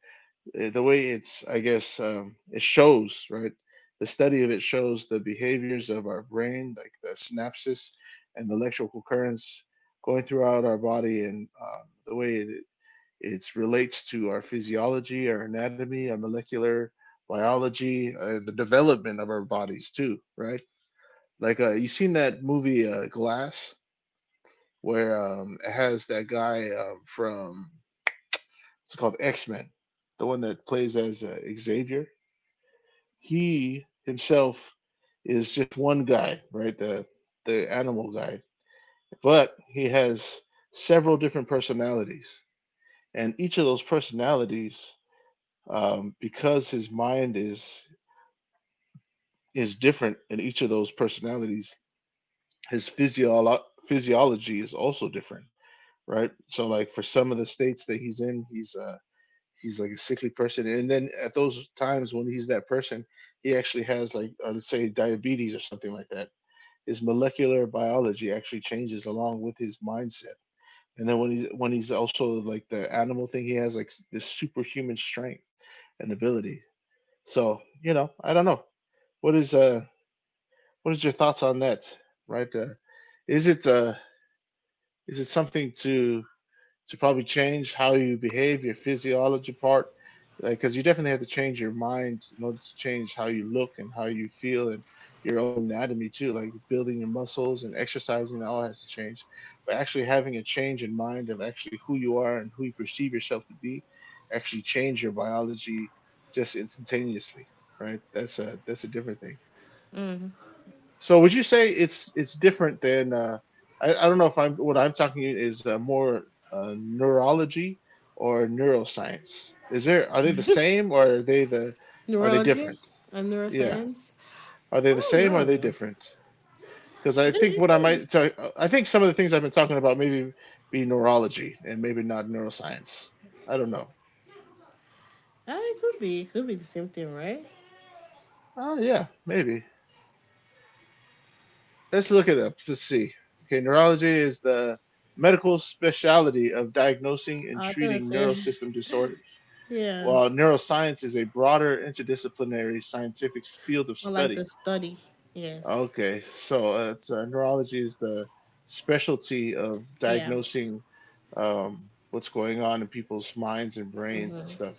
Speaker 2: the way it's, I guess, it shows, right? The study of it shows the behaviors of our brain, like the synapses and the electrical currents going throughout our body, and the way it relates to our physiology, our anatomy, our molecular biology, the development of our bodies, too, right? Like you seen that movie Glass, where it has that guy from, it's called X Men, the one that plays as Xavier. He himself is just one guy, right? The animal guy, but he has several different personalities, and each of those personalities, because his mind is different in each of those personalities, his physio- physiology is also different, right? So like for some of the states that he's in, he's he's like a sickly person, and then at those times when he's that person, he actually has like let's say diabetes or something like that. His molecular biology actually changes along with his mindset, and then when he's also like the animal thing, he has like this superhuman strength and ability. So, you know, I don't know. What is uh what is your thoughts on that? Right? Is it uh is it something to probably change how you behave, your physiology part, like because like, you definitely have to change your mind in order to change how you look and how you feel and your own anatomy too. Like building your muscles and exercising, that all has to change. But actually having a change in mind of actually who you are and who you perceive yourself to be, actually change your biology just instantaneously, right? That's a different thing. So would you say it's different than I don't know if I'm what I'm talking is more neurology or neuroscience. Is there— are they the same or are they the— are they
Speaker 1: Neurology
Speaker 2: different?
Speaker 1: and
Speaker 2: Yeah,
Speaker 1: neuroscience.
Speaker 2: are they
Speaker 1: I
Speaker 2: the
Speaker 1: don't
Speaker 2: same or are they
Speaker 1: know.
Speaker 2: different? Because I
Speaker 1: It could,
Speaker 2: think
Speaker 1: it
Speaker 2: what I
Speaker 1: could be.
Speaker 2: might tell I think some of the things I've been talking about maybe be neurology and maybe not neuroscience. I don't know.
Speaker 1: It could be. It could be the same thing, right?
Speaker 2: Oh yeah, maybe. Let's look it up to see. Okay, neurology is the medical specialty of diagnosing and
Speaker 1: I was gonna
Speaker 2: treating
Speaker 1: say,
Speaker 2: neural system disorders,
Speaker 1: yeah,
Speaker 2: while neuroscience is a broader interdisciplinary scientific field of
Speaker 1: or like the
Speaker 2: study.
Speaker 1: study. Yes.
Speaker 2: Okay, so neurology is the specialty of
Speaker 1: Yeah.
Speaker 2: diagnosing what's going on in people's minds and brains and stuff,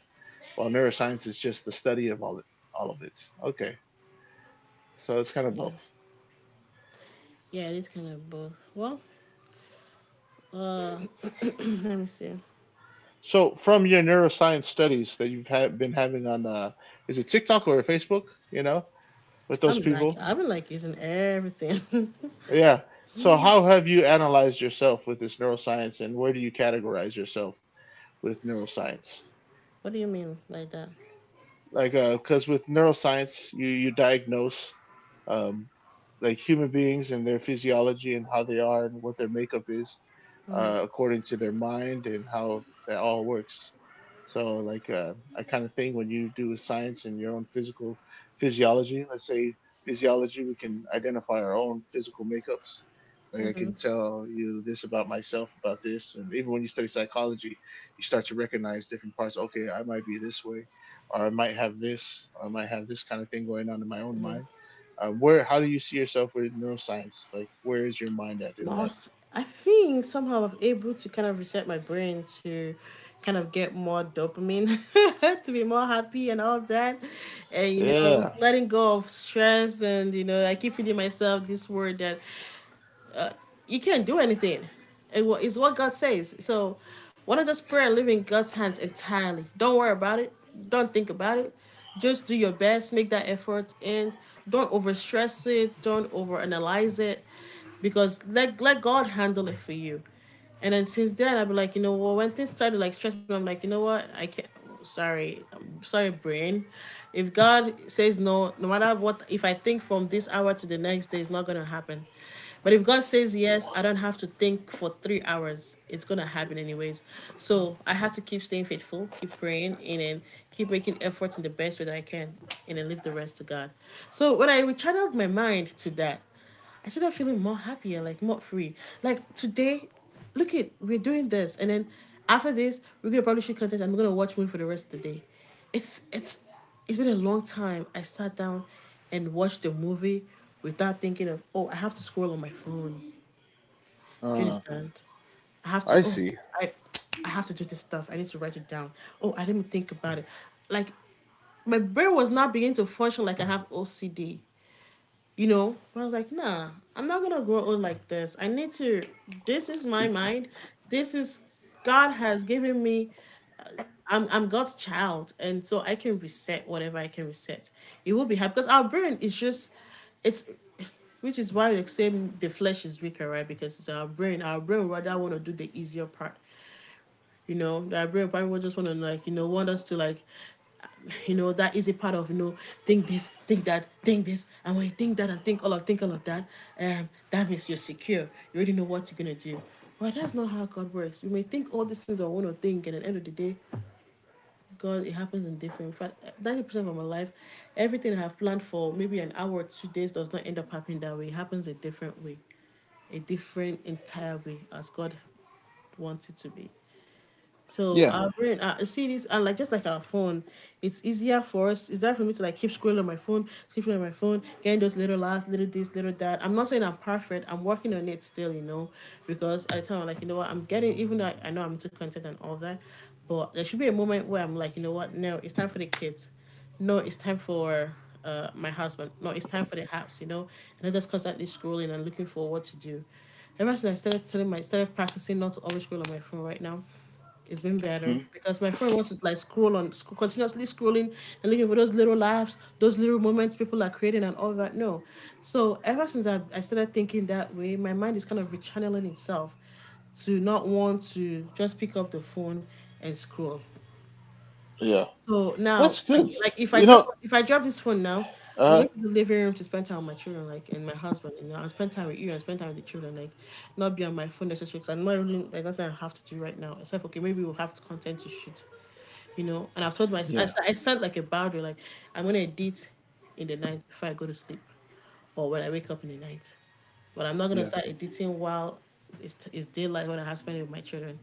Speaker 2: while neuroscience is just the study of all it, all of it. Okay, so it's kind of
Speaker 1: Yeah.
Speaker 2: both.
Speaker 1: Yeah, it is kind of both. Well, uh let me see.
Speaker 2: So, from your neuroscience studies that you've ha- been having on, is it TikTok or Facebook? You know, with those people.
Speaker 1: I've been like using everything.
Speaker 2: Yeah. So, how have you analyzed yourself with this neuroscience, and where do you categorize yourself with neuroscience?
Speaker 1: What do you mean by that?
Speaker 2: Like because With neuroscience, you diagnose, um, like human beings and their physiology and how they are and what their makeup is,
Speaker 1: Mm-hmm.
Speaker 2: according to their mind and how that all works. So, I kind of think when you do a science in your own physical physiology, let's say physiology, we can identify our own physical makeups. Like I
Speaker 1: Mm-hmm.
Speaker 2: can tell you this about myself about this. And even when you study psychology, you start to recognize different parts. Okay, I might be this way, or I might have this, or I might have this kind of thing going on in my own mind. Where, how do you see yourself with neuroscience? Like, where is your mind at in
Speaker 1: More.
Speaker 2: that?
Speaker 1: I think somehow I'm able to kind of reset my brain to kind of get more dopamine to be more happy and all that. And you know,
Speaker 2: Yeah,
Speaker 1: letting go of stress, and you know, I keep feeding myself this word that you can't do anything. It's what God says. So why not just pray and live in God's hands entirely? Don't worry about it. Don't think about it. Just do your best, make that effort, and don't overstress it, don't overanalyze it, because let God handle it for you. And then since then, I've been like, you know what? When things started like stress me, I'm like, you know what? I can't. Sorry, I'm sorry, brain. If God says no, no matter what, if I think from this hour to the next day, it's not gonna happen. But if God says yes, I don't have to think for 3 hours. It's gonna happen anyways. So I have to keep staying faithful, keep praying, and then keep making efforts in the best way that I can, and then leave the rest to God. So when I rechanneled my mind to that, I started feeling more happier, like more free. Like today, look it, we're doing this, and then after this, we're gonna probably shoot content, and we're gonna watch movie for the rest of the day. It's it's it's been a long time. I sat down and watched a movie without thinking of, oh, I have to scroll on my phone. Do you
Speaker 2: uh,
Speaker 1: understand? I have to
Speaker 2: I
Speaker 1: oh,
Speaker 2: see.
Speaker 1: I I have to do this stuff. I need to write it down. Oh, I didn't think about it. Like my brain was not beginning to function like I have OCD, you know, but I was like, nah, I'm not gonna grow old like this. I need to, this is my mind, this is, God has given me, I'm God's child, and so I can reset whatever I can reset. It will be hard because our brain is just, it's, which is why they say the flesh is weaker, right? Because it's our brain, our brain rather want to do the easier part. You know, our brain probably just want to like, you know, want us to like, you know, that is a part of, you know, think this, think that, think this. And when you think that and think all of that, that means you're secure, you already know what you're gonna do. But that's not how God works. We may think all these things are want to think, and at the end of the day, God, it happens in different, in fact, 90% of my life, everything I have planned for maybe an hour or 2 days does not end up happening that way. It happens a different way, a different entire way, as God wants it to be. So
Speaker 2: Yeah,
Speaker 1: our brain, see this, and like just like our phone, it's easier for us. It's that for me to like keep scrolling on my phone, keep scrolling on my phone, getting those little laughs, little this, little that. I'm not saying I'm perfect. I'm working on it still, you know, because at the time I'm like, you know what, I'm getting, even though I know I'm into content and all that, but there should be a moment where I'm like, you know what, no, it's time for the kids. No, it's time for my husband. No, it's time for the house, you know, and I just constantly scrolling and looking for what to do. Ever since I started telling my started practicing not to always scroll on my phone right now, it's been better,
Speaker 2: mhm,
Speaker 1: because my friend wants to like scroll on, continuously scrolling and looking for those little laughs, those little moments people are creating and all that. No. So ever since I started thinking that way, my mind is kind of rechanneling itself to not want to just pick up the phone and scroll.
Speaker 2: yeah,
Speaker 1: So now,
Speaker 2: that's good.
Speaker 1: like if I
Speaker 2: You
Speaker 1: drop
Speaker 2: know,
Speaker 1: if I drop this phone now, I'm
Speaker 2: uh,
Speaker 1: going to the living room to spend time with my children, like, and my husband, and I'll spend time with you and spend time with the children, like, not be on my phone necessarily. Cause I'm not really like nothing I have to do right now. Except okay, maybe we'll have content to shoot, you know. And I've told my
Speaker 2: yeah,
Speaker 1: I set like a boundary, like I'm gonna edit in the night before I go to sleep, or when I wake up in the night. But I'm not gonna
Speaker 2: yeah,
Speaker 1: start editing while it's daylight when I have to it with my children.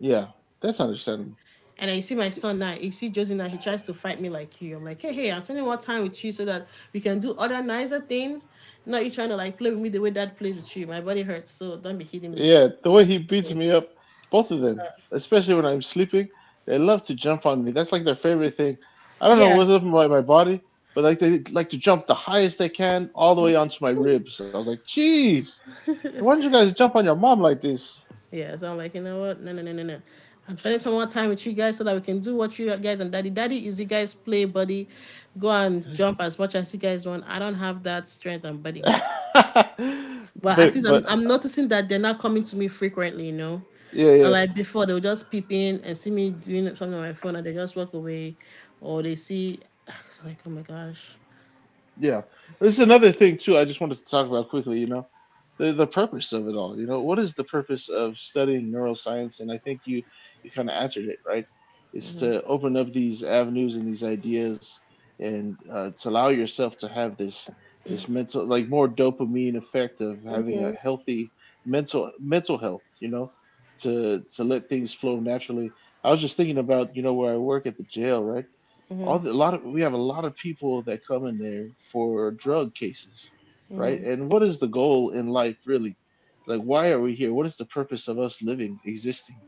Speaker 2: yeah, that's understandable.
Speaker 1: And I see my son now, you see Josie now, he tries to fight me like you. I'm like, hey, hey, I'm spending more time with you so that we can do other nicer thing. Not you trying to like play with me the way dad plays with you. My body hurts, so don't be hitting me.
Speaker 2: Yeah, the way
Speaker 1: That
Speaker 2: he
Speaker 1: kind of
Speaker 2: beats
Speaker 1: thing.
Speaker 2: me up, both of them, especially when I'm sleeping, they love to jump on me. That's like their favorite thing. I don't know
Speaker 1: Yeah.
Speaker 2: what's up with my, body, but like they like to jump the highest they can all the way onto my ribs. I was like, jeez, why don't you guys jump on your mom like this?
Speaker 1: Yeah. So I'm like, you know what? No, no, no, no, no. I'm spending some more time with you guys so that we can do what you guys and daddy. Daddy is you guys play buddy, go and jump as much as you guys want. I don't have that strength and body.
Speaker 2: but
Speaker 1: But at least I'm
Speaker 2: but
Speaker 1: I'm noticing that they're not coming to me frequently, you know.
Speaker 2: yeah,
Speaker 1: And
Speaker 2: yeah.
Speaker 1: like before, they'll just peep in and see me doing something on my phone, and they just walk away, or they see. It's like, oh my gosh.
Speaker 2: Yeah. This is another thing too. I just wanted to talk about quickly. The purpose of it all. You know, what is the purpose of studying neuroscience? And I think you kind of answered it right. It's to open up these avenues and these ideas, and to allow yourself to have this this mental, like, more dopamine effect of having a healthy mental health. You know, to let things flow naturally. I was just thinking about, you know, where I work at the jail, right? all the, a lot of We have a lot of people that come in there for drug cases, right? And what is the goal in life, really? Like, why are we here? What is the purpose of us living, existing?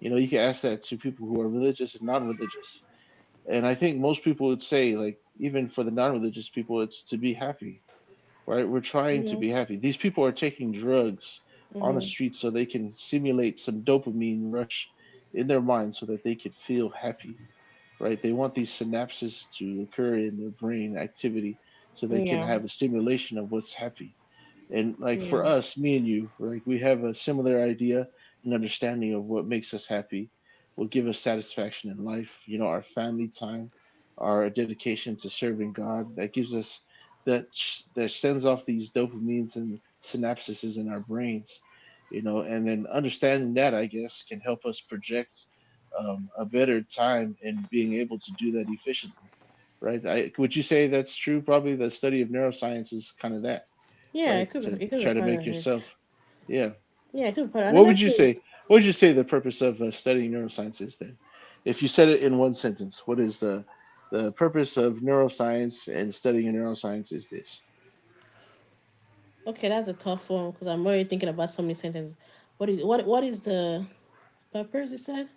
Speaker 2: You know, you can ask that to people who are religious and non-religious, and I think most people would say, like, even for the non-religious people, it's to be happy, right? We're trying to be happy. These people are taking drugs on the street so they can simulate some dopamine rush in their mind so that they can feel happy, right? They want these synapses to occur in their brain activity so they can
Speaker 1: Yeah,
Speaker 2: have a simulation of what's happy. And, like, for
Speaker 1: yeah,
Speaker 2: us, me and you, like, we have a similar idea and understanding of what makes us happy, what give us satisfaction in life. You know, our family time, our dedication to serving God, that gives us that, that sends off these dopamines and synapses in our brains. You know, and then understanding that, I guess, can help us project a better time in being able to do that efficiently, right? I, would you say that's true? Probably the study of neuroscience is kind of that,
Speaker 1: yeah.
Speaker 2: right? To
Speaker 1: It could be
Speaker 2: try to
Speaker 1: part
Speaker 2: make
Speaker 1: of it.
Speaker 2: yourself, yeah.
Speaker 1: Yeah, it could be part of it.
Speaker 2: What
Speaker 1: Another
Speaker 2: would you
Speaker 1: thing. Is,
Speaker 2: say? What would you say the purpose of studying neuroscience is, then? If you said it in one sentence, what is the purpose of neuroscience, and studying neuroscience is this?
Speaker 1: okay, that's a tough one, because I'm already thinking about so many sentences. What is, what is the purpose? You said.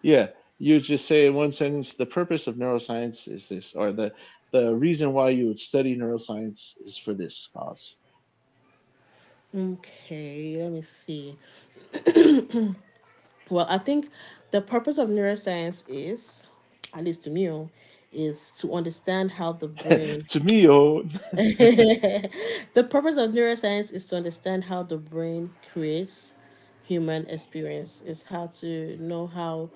Speaker 2: Yeah, you just say in one sentence the purpose of neuroscience is this, or the reason why you would study neuroscience is for this cause.
Speaker 1: Okay, let me see. Well, I think the purpose of neuroscience is, at least to me, oh, is to understand how the brain.
Speaker 2: To me, oh,
Speaker 1: The purpose of neuroscience is to understand how the brain creates human experience. Is how to know how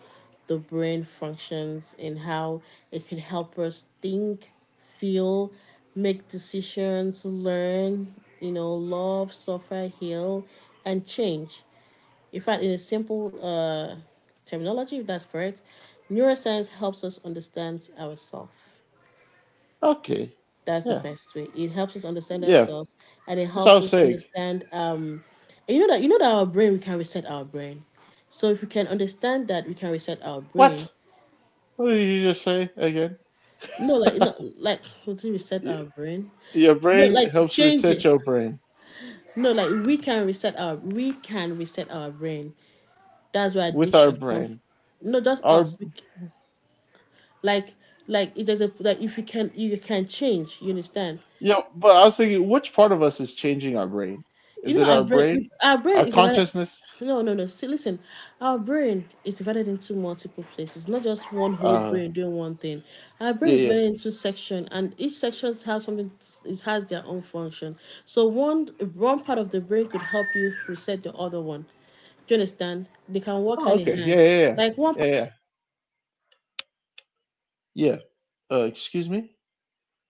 Speaker 1: the brain functions and how it can help us think, feel, make decisions, learn, you know, love, suffer, heal, and change. In fact, in a simple terminology, if that's correct, neuroscience helps us understand ourselves.
Speaker 2: okay,
Speaker 1: That's the
Speaker 2: yeah,
Speaker 1: best way. It helps us understand
Speaker 2: yeah.
Speaker 1: ourselves, and it
Speaker 2: That's what I
Speaker 1: helps
Speaker 2: was
Speaker 1: us
Speaker 2: saying.
Speaker 1: understand. And you know that our brain, we can reset our brain. So if we can understand that, we can reset our brain.
Speaker 2: What? What did you just say again?
Speaker 1: No, like not like how to reset our brain.
Speaker 2: Your
Speaker 1: No,
Speaker 2: brain
Speaker 1: like
Speaker 2: helps
Speaker 1: change
Speaker 2: reset
Speaker 1: it.
Speaker 2: your brain
Speaker 1: No, like we can reset our brain. That's where
Speaker 2: with our
Speaker 1: addiction comes.
Speaker 2: brain.
Speaker 1: No, just
Speaker 2: Our
Speaker 1: us. We, like like it doesn't like if you can, you can change, you understand,
Speaker 2: yeah, but I was thinking, which part of us is changing our brain?
Speaker 1: you
Speaker 2: Is it
Speaker 1: know,
Speaker 2: our brain,
Speaker 1: our brain
Speaker 2: our
Speaker 1: is divided.
Speaker 2: consciousness?
Speaker 1: No, see, listen, our brain is divided into multiple places, not just one whole
Speaker 2: Uh,
Speaker 1: brain doing one thing. Our brain
Speaker 2: yeah,
Speaker 1: is
Speaker 2: yeah.
Speaker 1: divided into section and each section has something, it has their own function. So one, part of the brain could help you reset the other one. Do you understand? They can work
Speaker 2: Oh,
Speaker 1: hand in
Speaker 2: okay, yeah,
Speaker 1: hand,
Speaker 2: yeah, yeah,
Speaker 1: like one part.
Speaker 2: yeah, yeah. Yeah. Excuse me.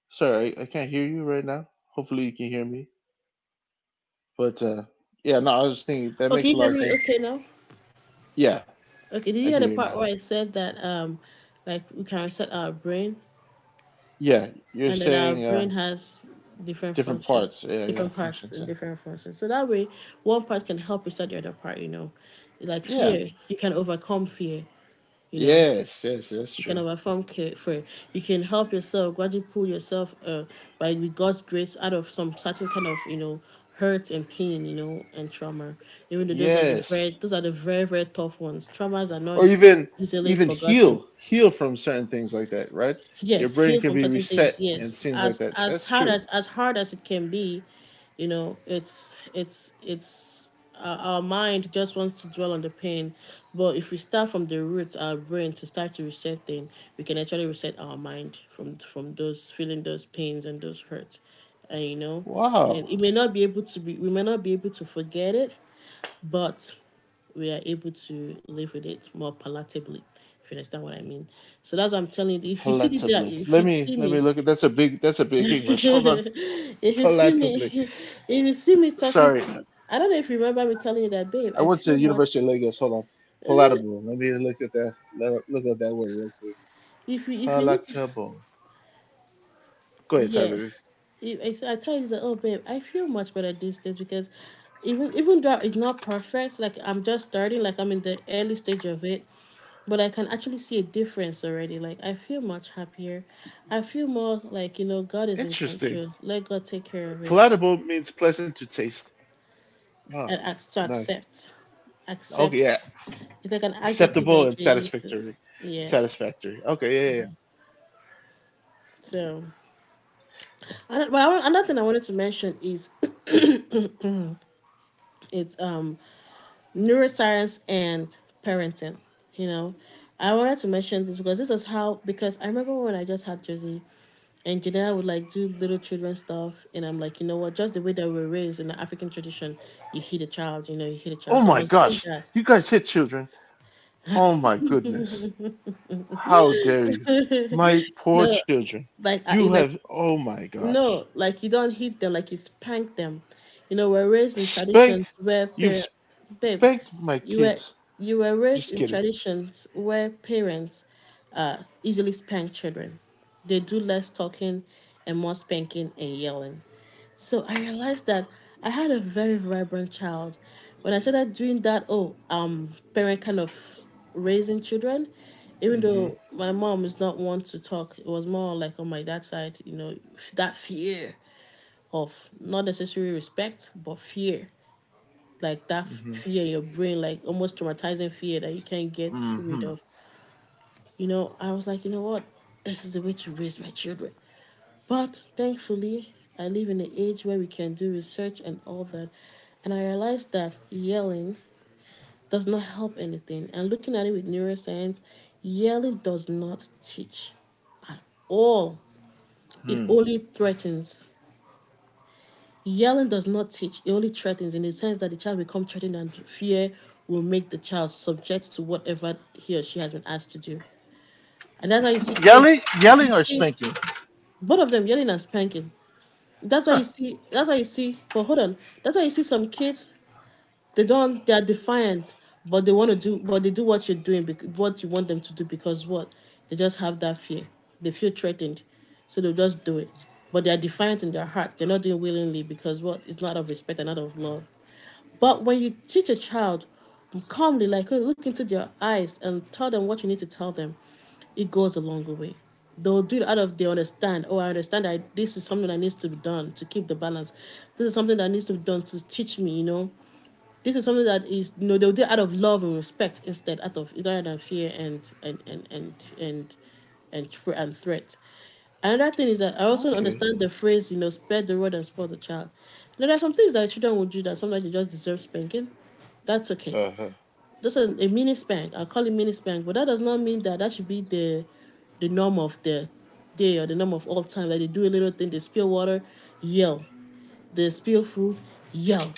Speaker 2: Sorry, I can't hear you right now. Hopefully, you can hear me. But yeah, no, I was just thinking that
Speaker 1: Okay,
Speaker 2: makes a
Speaker 1: you
Speaker 2: lot
Speaker 1: hear
Speaker 2: of
Speaker 1: me
Speaker 2: sense.
Speaker 1: okay now.
Speaker 2: Yeah,
Speaker 1: Okay, did
Speaker 2: I
Speaker 1: you
Speaker 2: can
Speaker 1: hear the
Speaker 2: hear you
Speaker 1: part
Speaker 2: now.
Speaker 1: where I said that, like we can reset our brain
Speaker 2: Yeah, you're
Speaker 1: and that our
Speaker 2: saying,
Speaker 1: brain has different
Speaker 2: different
Speaker 1: function,
Speaker 2: parts. Yeah, yeah,
Speaker 1: different parts
Speaker 2: functions.
Speaker 1: and
Speaker 2: Yeah.
Speaker 1: different functions? So that way one part can help reset the other part, you know. Like
Speaker 2: Yeah.
Speaker 1: fear, you can overcome fear, you know.
Speaker 2: Yes, yes, that's
Speaker 1: You can
Speaker 2: true.
Speaker 1: overcome fear. You can help yourself, gradually pull yourself by, with God's grace, out of some certain kind of, you know, hurt and pain, you know, and trauma. Even though
Speaker 2: Yes,
Speaker 1: those are the very, very tough ones. Traumas are not
Speaker 2: or even
Speaker 1: easily
Speaker 2: even
Speaker 1: forgotten.
Speaker 2: heal from certain things like that. Right, your
Speaker 1: Yes,
Speaker 2: brain
Speaker 1: heal
Speaker 2: can
Speaker 1: from
Speaker 2: be
Speaker 1: certain
Speaker 2: reset
Speaker 1: things,
Speaker 2: and
Speaker 1: yes,
Speaker 2: things like that.
Speaker 1: as
Speaker 2: That's
Speaker 1: hard
Speaker 2: true.
Speaker 1: as it can be. You know, it's our mind just wants to dwell on the pain, but if we start from the root, our brain, to start to reset things, we can actually reset our mind from those feeling, those pains and those hurts, and you know,
Speaker 2: Wow,
Speaker 1: and it may not be able to be we may not be able to forget it, but we are able to live with it more palatably, if you understand what I mean. So that's what I'm telling you. If you see
Speaker 2: palatably.
Speaker 1: if you see
Speaker 2: Let me
Speaker 1: me,
Speaker 2: look at that's a big English. Hold on,
Speaker 1: if you see me,
Speaker 2: palatably.
Speaker 1: if you see me talking
Speaker 2: Sorry,
Speaker 1: to, I don't know if you remember me telling you that, babe,
Speaker 2: I
Speaker 1: I
Speaker 2: went
Speaker 1: feel
Speaker 2: to University
Speaker 1: much.
Speaker 2: of Lagos. Hold on, palatable. Let me look at that. Let, look at that word real quick.
Speaker 1: If you look.
Speaker 2: Palatable. Go ahead. Sorry,
Speaker 1: Yeah.
Speaker 2: baby.
Speaker 1: It, it's- I tell you, that, oh babe, I feel much better these days, because even, though it's not perfect, like I'm just starting, like I'm in the early stage of it, but I can actually see a difference already. Like I feel much happier. I feel more like, you know, God is in
Speaker 2: Interesting.
Speaker 1: control. Let God take care of it
Speaker 2: Palatable means pleasant to taste. Oh,
Speaker 1: and ask to
Speaker 2: nice.
Speaker 1: accept,
Speaker 2: Okay,
Speaker 1: accept.
Speaker 2: yeah.
Speaker 1: It's like an adjective that you
Speaker 2: Acceptable and
Speaker 1: can use to.
Speaker 2: satisfactory.
Speaker 1: Yes.
Speaker 2: Satisfactory. Okay, yeah, yeah, yeah.
Speaker 1: So, and, but I, want- another thing I wanted to mention is it's neuroscience and parenting. You know, I wanted to mention this because this is how, because I remember when I just had Josie, and Janelle would like do little children stuff, and I'm like, you know what, just the way that we're raised in the African tradition, you hit a child, you know, you hit a
Speaker 2: Oh
Speaker 1: child. So I
Speaker 2: my
Speaker 1: was doing
Speaker 2: gosh.
Speaker 1: that.
Speaker 2: You guys hit children. Oh my goodness. How dare you? My poor
Speaker 1: The,
Speaker 2: children.
Speaker 1: like I,
Speaker 2: You
Speaker 1: like,
Speaker 2: have, oh my gosh.
Speaker 1: no, like you don't hit them, like you spank them. You know, we're raised in
Speaker 2: Spank.
Speaker 1: traditions where
Speaker 2: You've
Speaker 1: parents, babe,
Speaker 2: spanked my
Speaker 1: you were
Speaker 2: kids.
Speaker 1: you were raised
Speaker 2: Just
Speaker 1: in
Speaker 2: kidding.
Speaker 1: traditions where parents easily spank children. They do less talking and more spanking and yelling. So I realized that I had a very vibrant child. When I started doing that, oh, parent, kind of raising children, even
Speaker 2: Mm-hmm.
Speaker 1: though my mom is not one to talk, it was more like on my dad's side, you know, f- that fear of not necessarily respect, but fear. Like that
Speaker 2: Mm-hmm.
Speaker 1: fear in your brain, like almost traumatizing fear that you can't get
Speaker 2: Mm-hmm.
Speaker 1: rid of. You know, I was like, you know what? This is the way to raise my children. But thankfully, I live in an age where we can do research and all that. And I realized that yelling does not help anything. And looking at it with neuroscience, yelling does not teach at all. It
Speaker 2: Hmm.
Speaker 1: only threatens. Yelling does not teach, it only threatens, in the sense that the child becomes threatened, and fear will make the child subject to whatever he or she has been asked to do. And that's why you see kids,
Speaker 2: Yelling,
Speaker 1: you you
Speaker 2: yelling, or
Speaker 1: see
Speaker 2: spanking?
Speaker 1: both of them, yelling and spanking. That's why
Speaker 2: Huh.
Speaker 1: you see that's why you see But hold on, that's why you see some kids, they don't they are defiant, but they want to do, but they do what you're doing, what you want them to do, because what, they just have that fear, they feel threatened, so they'll just do it, but they are defiant in their hearts. They're not doing willingly, because what, it's not of respect and not of love. But when you teach a child calmly, like look into their eyes and tell them what you need to tell them, it goes a long way. They'll do it out of, they understand, oh, I understand that this is something that needs to be done to keep the balance, this is something that needs to be done to teach me, you know, this is something that is, you know, they'll do out of love and respect, instead out of, rather than fear and and threat. Another thing is that I also
Speaker 2: Okay.
Speaker 1: understand the phrase, you know, spare the rod and spoil the child. Now, there are some things that children will do that sometimes they just deserve spanking. That's okay.
Speaker 2: Uh
Speaker 1: This a mini spank, I'll call it mini spank, but that does not mean that that should be the norm of the day or the norm of all time. Like they do a little thing, they spill water, yell. They spill food, yell.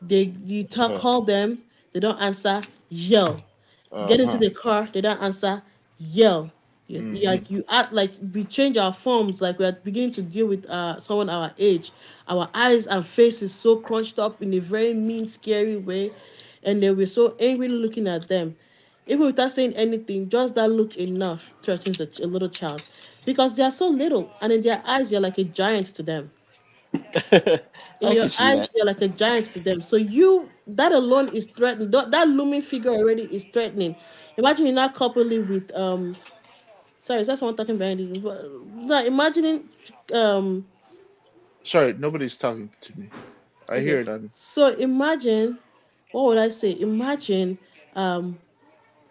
Speaker 1: They, you talk,
Speaker 2: huh.
Speaker 1: call them, they don't answer, yell.
Speaker 2: Uh
Speaker 1: Get into the
Speaker 2: huh.
Speaker 1: car, they don't answer, yell. You-
Speaker 2: Mm-hmm.
Speaker 1: like you act like we change our forms, like we are beginning to deal with someone our age. Our eyes and face is so crunched up in a very mean, scary way, and then we're so angry looking at them, even without saying anything, just that look enough threatens a, ch- a little child, because they are so little, and in their eyes, you're like a giant to them, in
Speaker 2: I
Speaker 1: your
Speaker 2: can see that.
Speaker 1: eyes you're like a giant to them, so you, that alone is threatening, that, that looming figure already is threatening. Imagine you're not coupling it with sorry, is that someone talking behind you? But- no, imagining, um
Speaker 2: Sorry, nobody's talking to me. I
Speaker 1: okay,
Speaker 2: hear it on.
Speaker 1: so imagine, what would I say imagine, um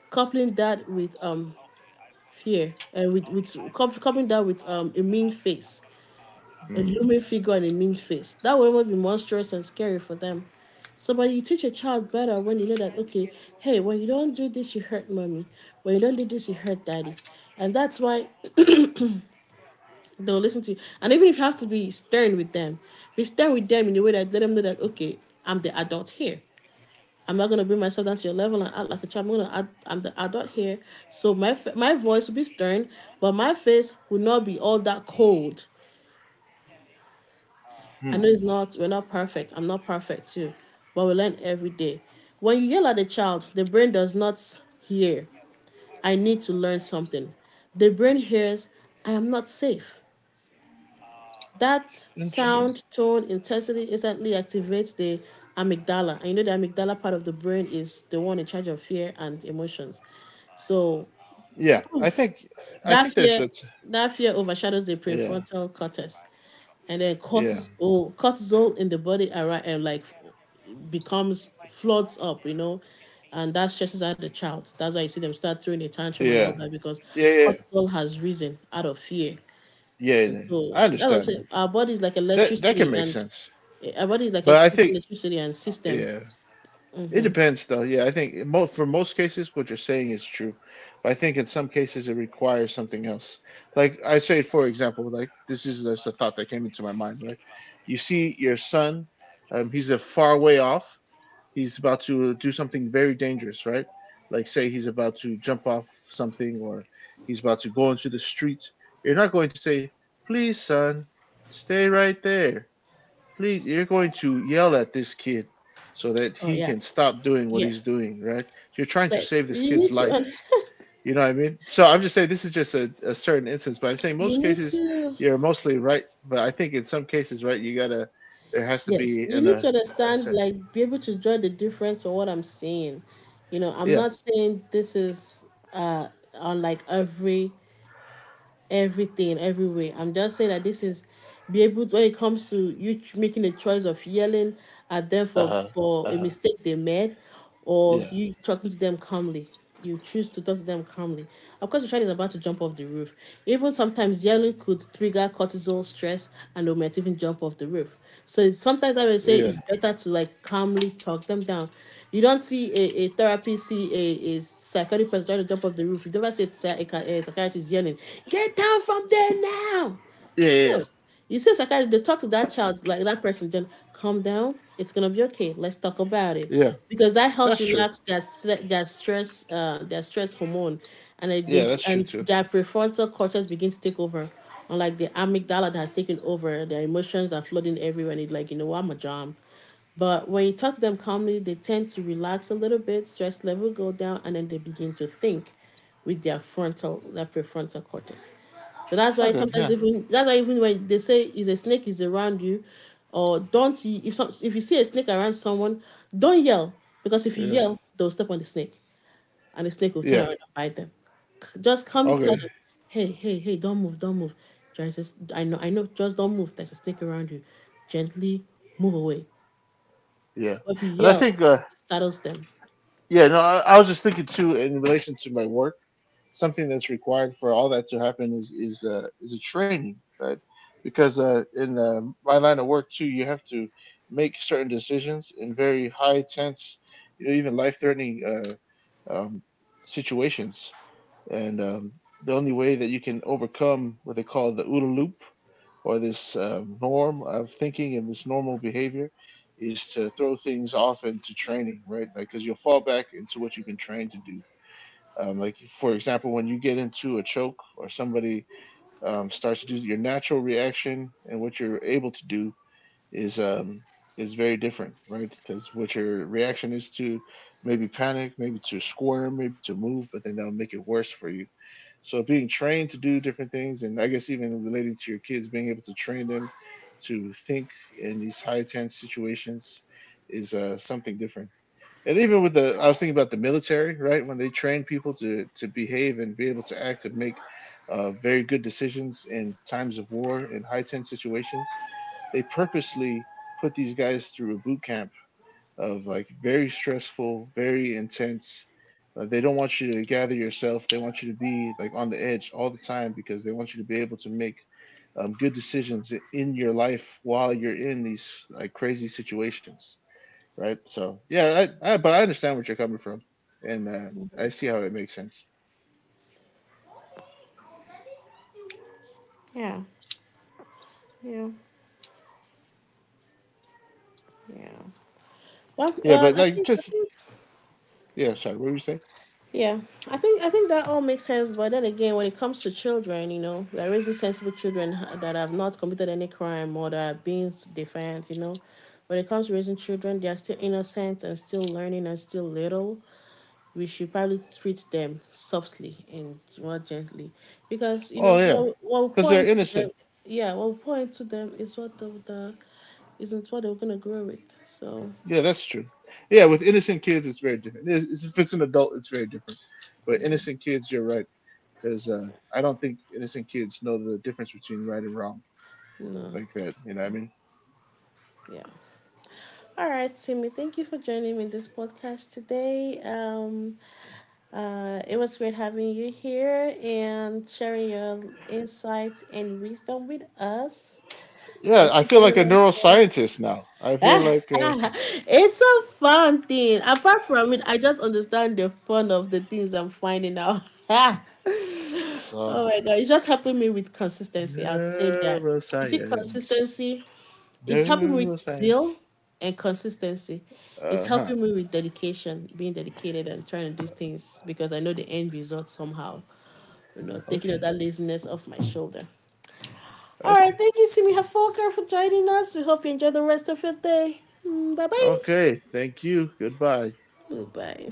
Speaker 1: coupling that with fear and with, coupling that with a mean face, a
Speaker 2: Hmm.
Speaker 1: looming figure and a mean face. That would even be monstrous and scary for them. So, but you teach a child better when you know that, okay, hey, when you don't do this, you hurt mommy. When you don't do this, you hurt daddy. And that's why they'll listen to you. And even if you have to be stern with them, be stern with them in a way that let them know that, okay, I'm the adult here. I'm not going to bring myself down to your level and act like a child. I'm, gonna, act- I'm the adult here. So my voice will be stern, but my face will not be all that cold. I know
Speaker 2: Hmm.
Speaker 1: it's not, we're not perfect. I'm not perfect too, but we learn every day. When you yell at a child, the brain does not hear, I need to learn something. The brain hears, I am not safe. That
Speaker 2: Interesting.
Speaker 1: sound, tone, intensity instantly activates the amygdala. And you know, the amygdala part of the brain is the one in charge of fear and emotions. So,
Speaker 2: Yeah,
Speaker 1: poof,
Speaker 2: I
Speaker 1: that
Speaker 2: think there's
Speaker 1: fear,
Speaker 2: that.
Speaker 1: that fear overshadows the
Speaker 2: Yeah,
Speaker 1: prefrontal cortex, and then
Speaker 2: yeah,
Speaker 1: cortisol, cortisol in the body, are like becomes floods up, you know, and that stresses out the child. That's why you see them start throwing a tantrum and all
Speaker 2: yeah,
Speaker 1: that, because
Speaker 2: yeah, yeah,
Speaker 1: cortisol has risen out of fear.
Speaker 2: yeah.
Speaker 1: And
Speaker 2: Yeah. I
Speaker 1: so that's what I'm
Speaker 2: understand that.
Speaker 1: saying. Our body is like
Speaker 2: That that can
Speaker 1: electricity
Speaker 2: make
Speaker 1: and,
Speaker 2: sense,
Speaker 1: eh, our body is like
Speaker 2: but
Speaker 1: a
Speaker 2: I
Speaker 1: t-
Speaker 2: think,
Speaker 1: electricity and system.
Speaker 2: yeah, it depends though. Yeah, I think for most cases what you're saying is true, but I think in some cases it requires something else. Like I say, for example, like this is just a thought that came into my mind. Right, you see your son, he's a far way off, he's about to do something very dangerous, right? Like say he's about to jump off something or he's about to go into the street. You're not going to say, "Please, son, stay right there." Please, you're going to yell at this kid so that
Speaker 1: Oh
Speaker 2: he
Speaker 1: yeah.
Speaker 2: can stop doing what
Speaker 1: Yeah.
Speaker 2: he's doing, right? You're trying to
Speaker 1: But
Speaker 2: save this
Speaker 1: you need
Speaker 2: kid's
Speaker 1: to
Speaker 2: life.
Speaker 1: un-
Speaker 2: You know what I mean? So I'm just saying this is just a certain instance, but I'm saying
Speaker 1: you
Speaker 2: most
Speaker 1: need
Speaker 2: cases
Speaker 1: to,
Speaker 2: you're mostly right, but I think in some cases, right, you gotta there has to
Speaker 1: yes,
Speaker 2: be
Speaker 1: you
Speaker 2: an
Speaker 1: need to understand,
Speaker 2: sorry,
Speaker 1: like, be able to draw the difference for what I'm saying. You know, I'm
Speaker 2: yeah,
Speaker 1: not saying this is uh on, like, every, every way. I'm just saying that this is, be able to, when it comes to you, ch- making a choice of yelling at them
Speaker 2: uh
Speaker 1: for,
Speaker 2: huh, uh
Speaker 1: a
Speaker 2: huh.
Speaker 1: mistake they made, or
Speaker 2: Yeah.
Speaker 1: you talking to them calmly. You choose to talk to them calmly. Of course, the child is about to jump off the roof. Even sometimes yelling could trigger cortisol stress, and they might even jump off the roof. So it's- sometimes I would say
Speaker 2: Yeah.
Speaker 1: it's better to like calmly talk them down. You don't see a therapist see a psychotic person trying to jump off the roof. You never see a, psy- a, ca- a psychiatrist yelling, "Get down from there now!"
Speaker 2: Yeah. Yeah.
Speaker 1: No. You see a psychiatrist, they talk to that child, like that person, then calm down. It's gonna be okay. Let's talk about it.
Speaker 2: Yeah.
Speaker 1: Because that helps
Speaker 2: That's true.
Speaker 1: relax their stre- their stress hormone, and it,
Speaker 2: Yeah,
Speaker 1: they,
Speaker 2: that's true
Speaker 1: and
Speaker 2: too.
Speaker 1: their prefrontal cortex begins to take over, unlike the amygdala that has taken over. Their emotions are flooding everywhere. And it, like, you know, I'm a jam. But when you talk to them calmly, they tend to relax a little bit, stress level go down, and then they begin to think with their frontal, their prefrontal cortex. So that's why
Speaker 2: Okay.
Speaker 1: sometimes,
Speaker 2: Yeah.
Speaker 1: even that's why even when they say if a snake is around you, or don't y- if some, if you see a snake around someone, don't yell, because if you
Speaker 2: Yeah.
Speaker 1: yell, they'll step on the snake and the snake will turn
Speaker 2: Yeah.
Speaker 1: around and bite them. C- Just calmly tell
Speaker 2: Okay.
Speaker 1: them, hey, hey, hey, don't move, don't move. There's a s- I know, just don't move. There's a snake around you. Gently move away.
Speaker 2: Yeah.
Speaker 1: But if you
Speaker 2: And I
Speaker 1: yell,
Speaker 2: think,
Speaker 1: it startles them.
Speaker 2: yeah, no, I was just thinking too in relation to my work. Something that's required for all that to happen is is a training, right? Because in my line of work too, you have to make certain decisions in very high tense, you know, even life threatening, um, situations. And the only way that you can overcome what they call the OODA loop or this, norm of thinking and this normal behavior is to throw things off into training, right? Like, because you'll fall back into what you've been trained to do. Like, for example, when you get into a choke or somebody, starts to do your natural reaction and what you're able to do is um is very different, right? Because what your reaction is to maybe panic, maybe to squirm, maybe to move, but then that'll make it worse for you. So being trained to do different things, and I guess even relating to your kids, being able to train them to think in these high tense situations is something different. And even with the I was thinking about the military, right? When they train people to behave and be able to act and make very good decisions in times of war in high tense situations, they purposely put these guys through a boot camp of like very stressful, very intense, they don't want you to gather yourself. They want you to be like on the edge all the time because they want you to be able to make, good decisions in your life while you're in these like crazy situations, right? So yeah, I but I understand what you're coming from, and I see how it makes sense.
Speaker 1: Yeah. Yeah. Yeah. Well,
Speaker 2: Yeah, but
Speaker 1: I
Speaker 2: like
Speaker 1: think
Speaker 2: just yeah, sorry, what were you saying?
Speaker 1: yeah, I think that all makes sense. But then again, when it comes to children, you know, we are raising sensible children, ha- that have not committed any crime or that are being s- defiant. You know, when it comes to raising children, they are still innocent and still learning and still little. We should probably treat them softly and more gently, because you know
Speaker 2: Oh yeah,
Speaker 1: what we
Speaker 2: because
Speaker 1: pour
Speaker 2: they're
Speaker 1: into
Speaker 2: innocent.
Speaker 1: them, yeah, what we pour into them is what the isn't what they're gonna grow with, so
Speaker 2: Yeah, that's true. Yeah, with innocent kids, it's very different. It's- if it's an adult, it's very different. But
Speaker 1: yeah.
Speaker 2: innocent kids, you're right, because I don't think innocent kids know the difference between right and wrong
Speaker 1: No.
Speaker 2: like that. You know what I mean?
Speaker 1: Yeah. All right, Timmy, thank you for joining me in this podcast today. It was great having you here and sharing your insights and wisdom with us.
Speaker 2: Yeah,
Speaker 1: And
Speaker 2: I
Speaker 1: thank
Speaker 2: feel
Speaker 1: you
Speaker 2: like a
Speaker 1: everyone for,
Speaker 2: neuroscientist now. I feel like
Speaker 1: it's a fun thing. Apart from it, I just understand the fun of the things I'm finding out. oh my
Speaker 2: so
Speaker 1: god, it's just helping me with consistency. I'd say that. Is it
Speaker 2: neuroscience,
Speaker 1: consistency? It's helping me with zeal
Speaker 2: neuroscience.
Speaker 1: and consistency. It's
Speaker 2: Uh huh.
Speaker 1: helping me with dedication, being dedicated and trying to do things because I know the end result somehow. You know, taking all
Speaker 2: Okay.
Speaker 1: that laziness off my shoulder. All right,
Speaker 2: Okay.
Speaker 1: thank you, Simi Hafolker, for joining us. We hope you enjoy the rest of your day. Bye bye.
Speaker 2: Okay. Thank you. Goodbye.
Speaker 1: Bye bye.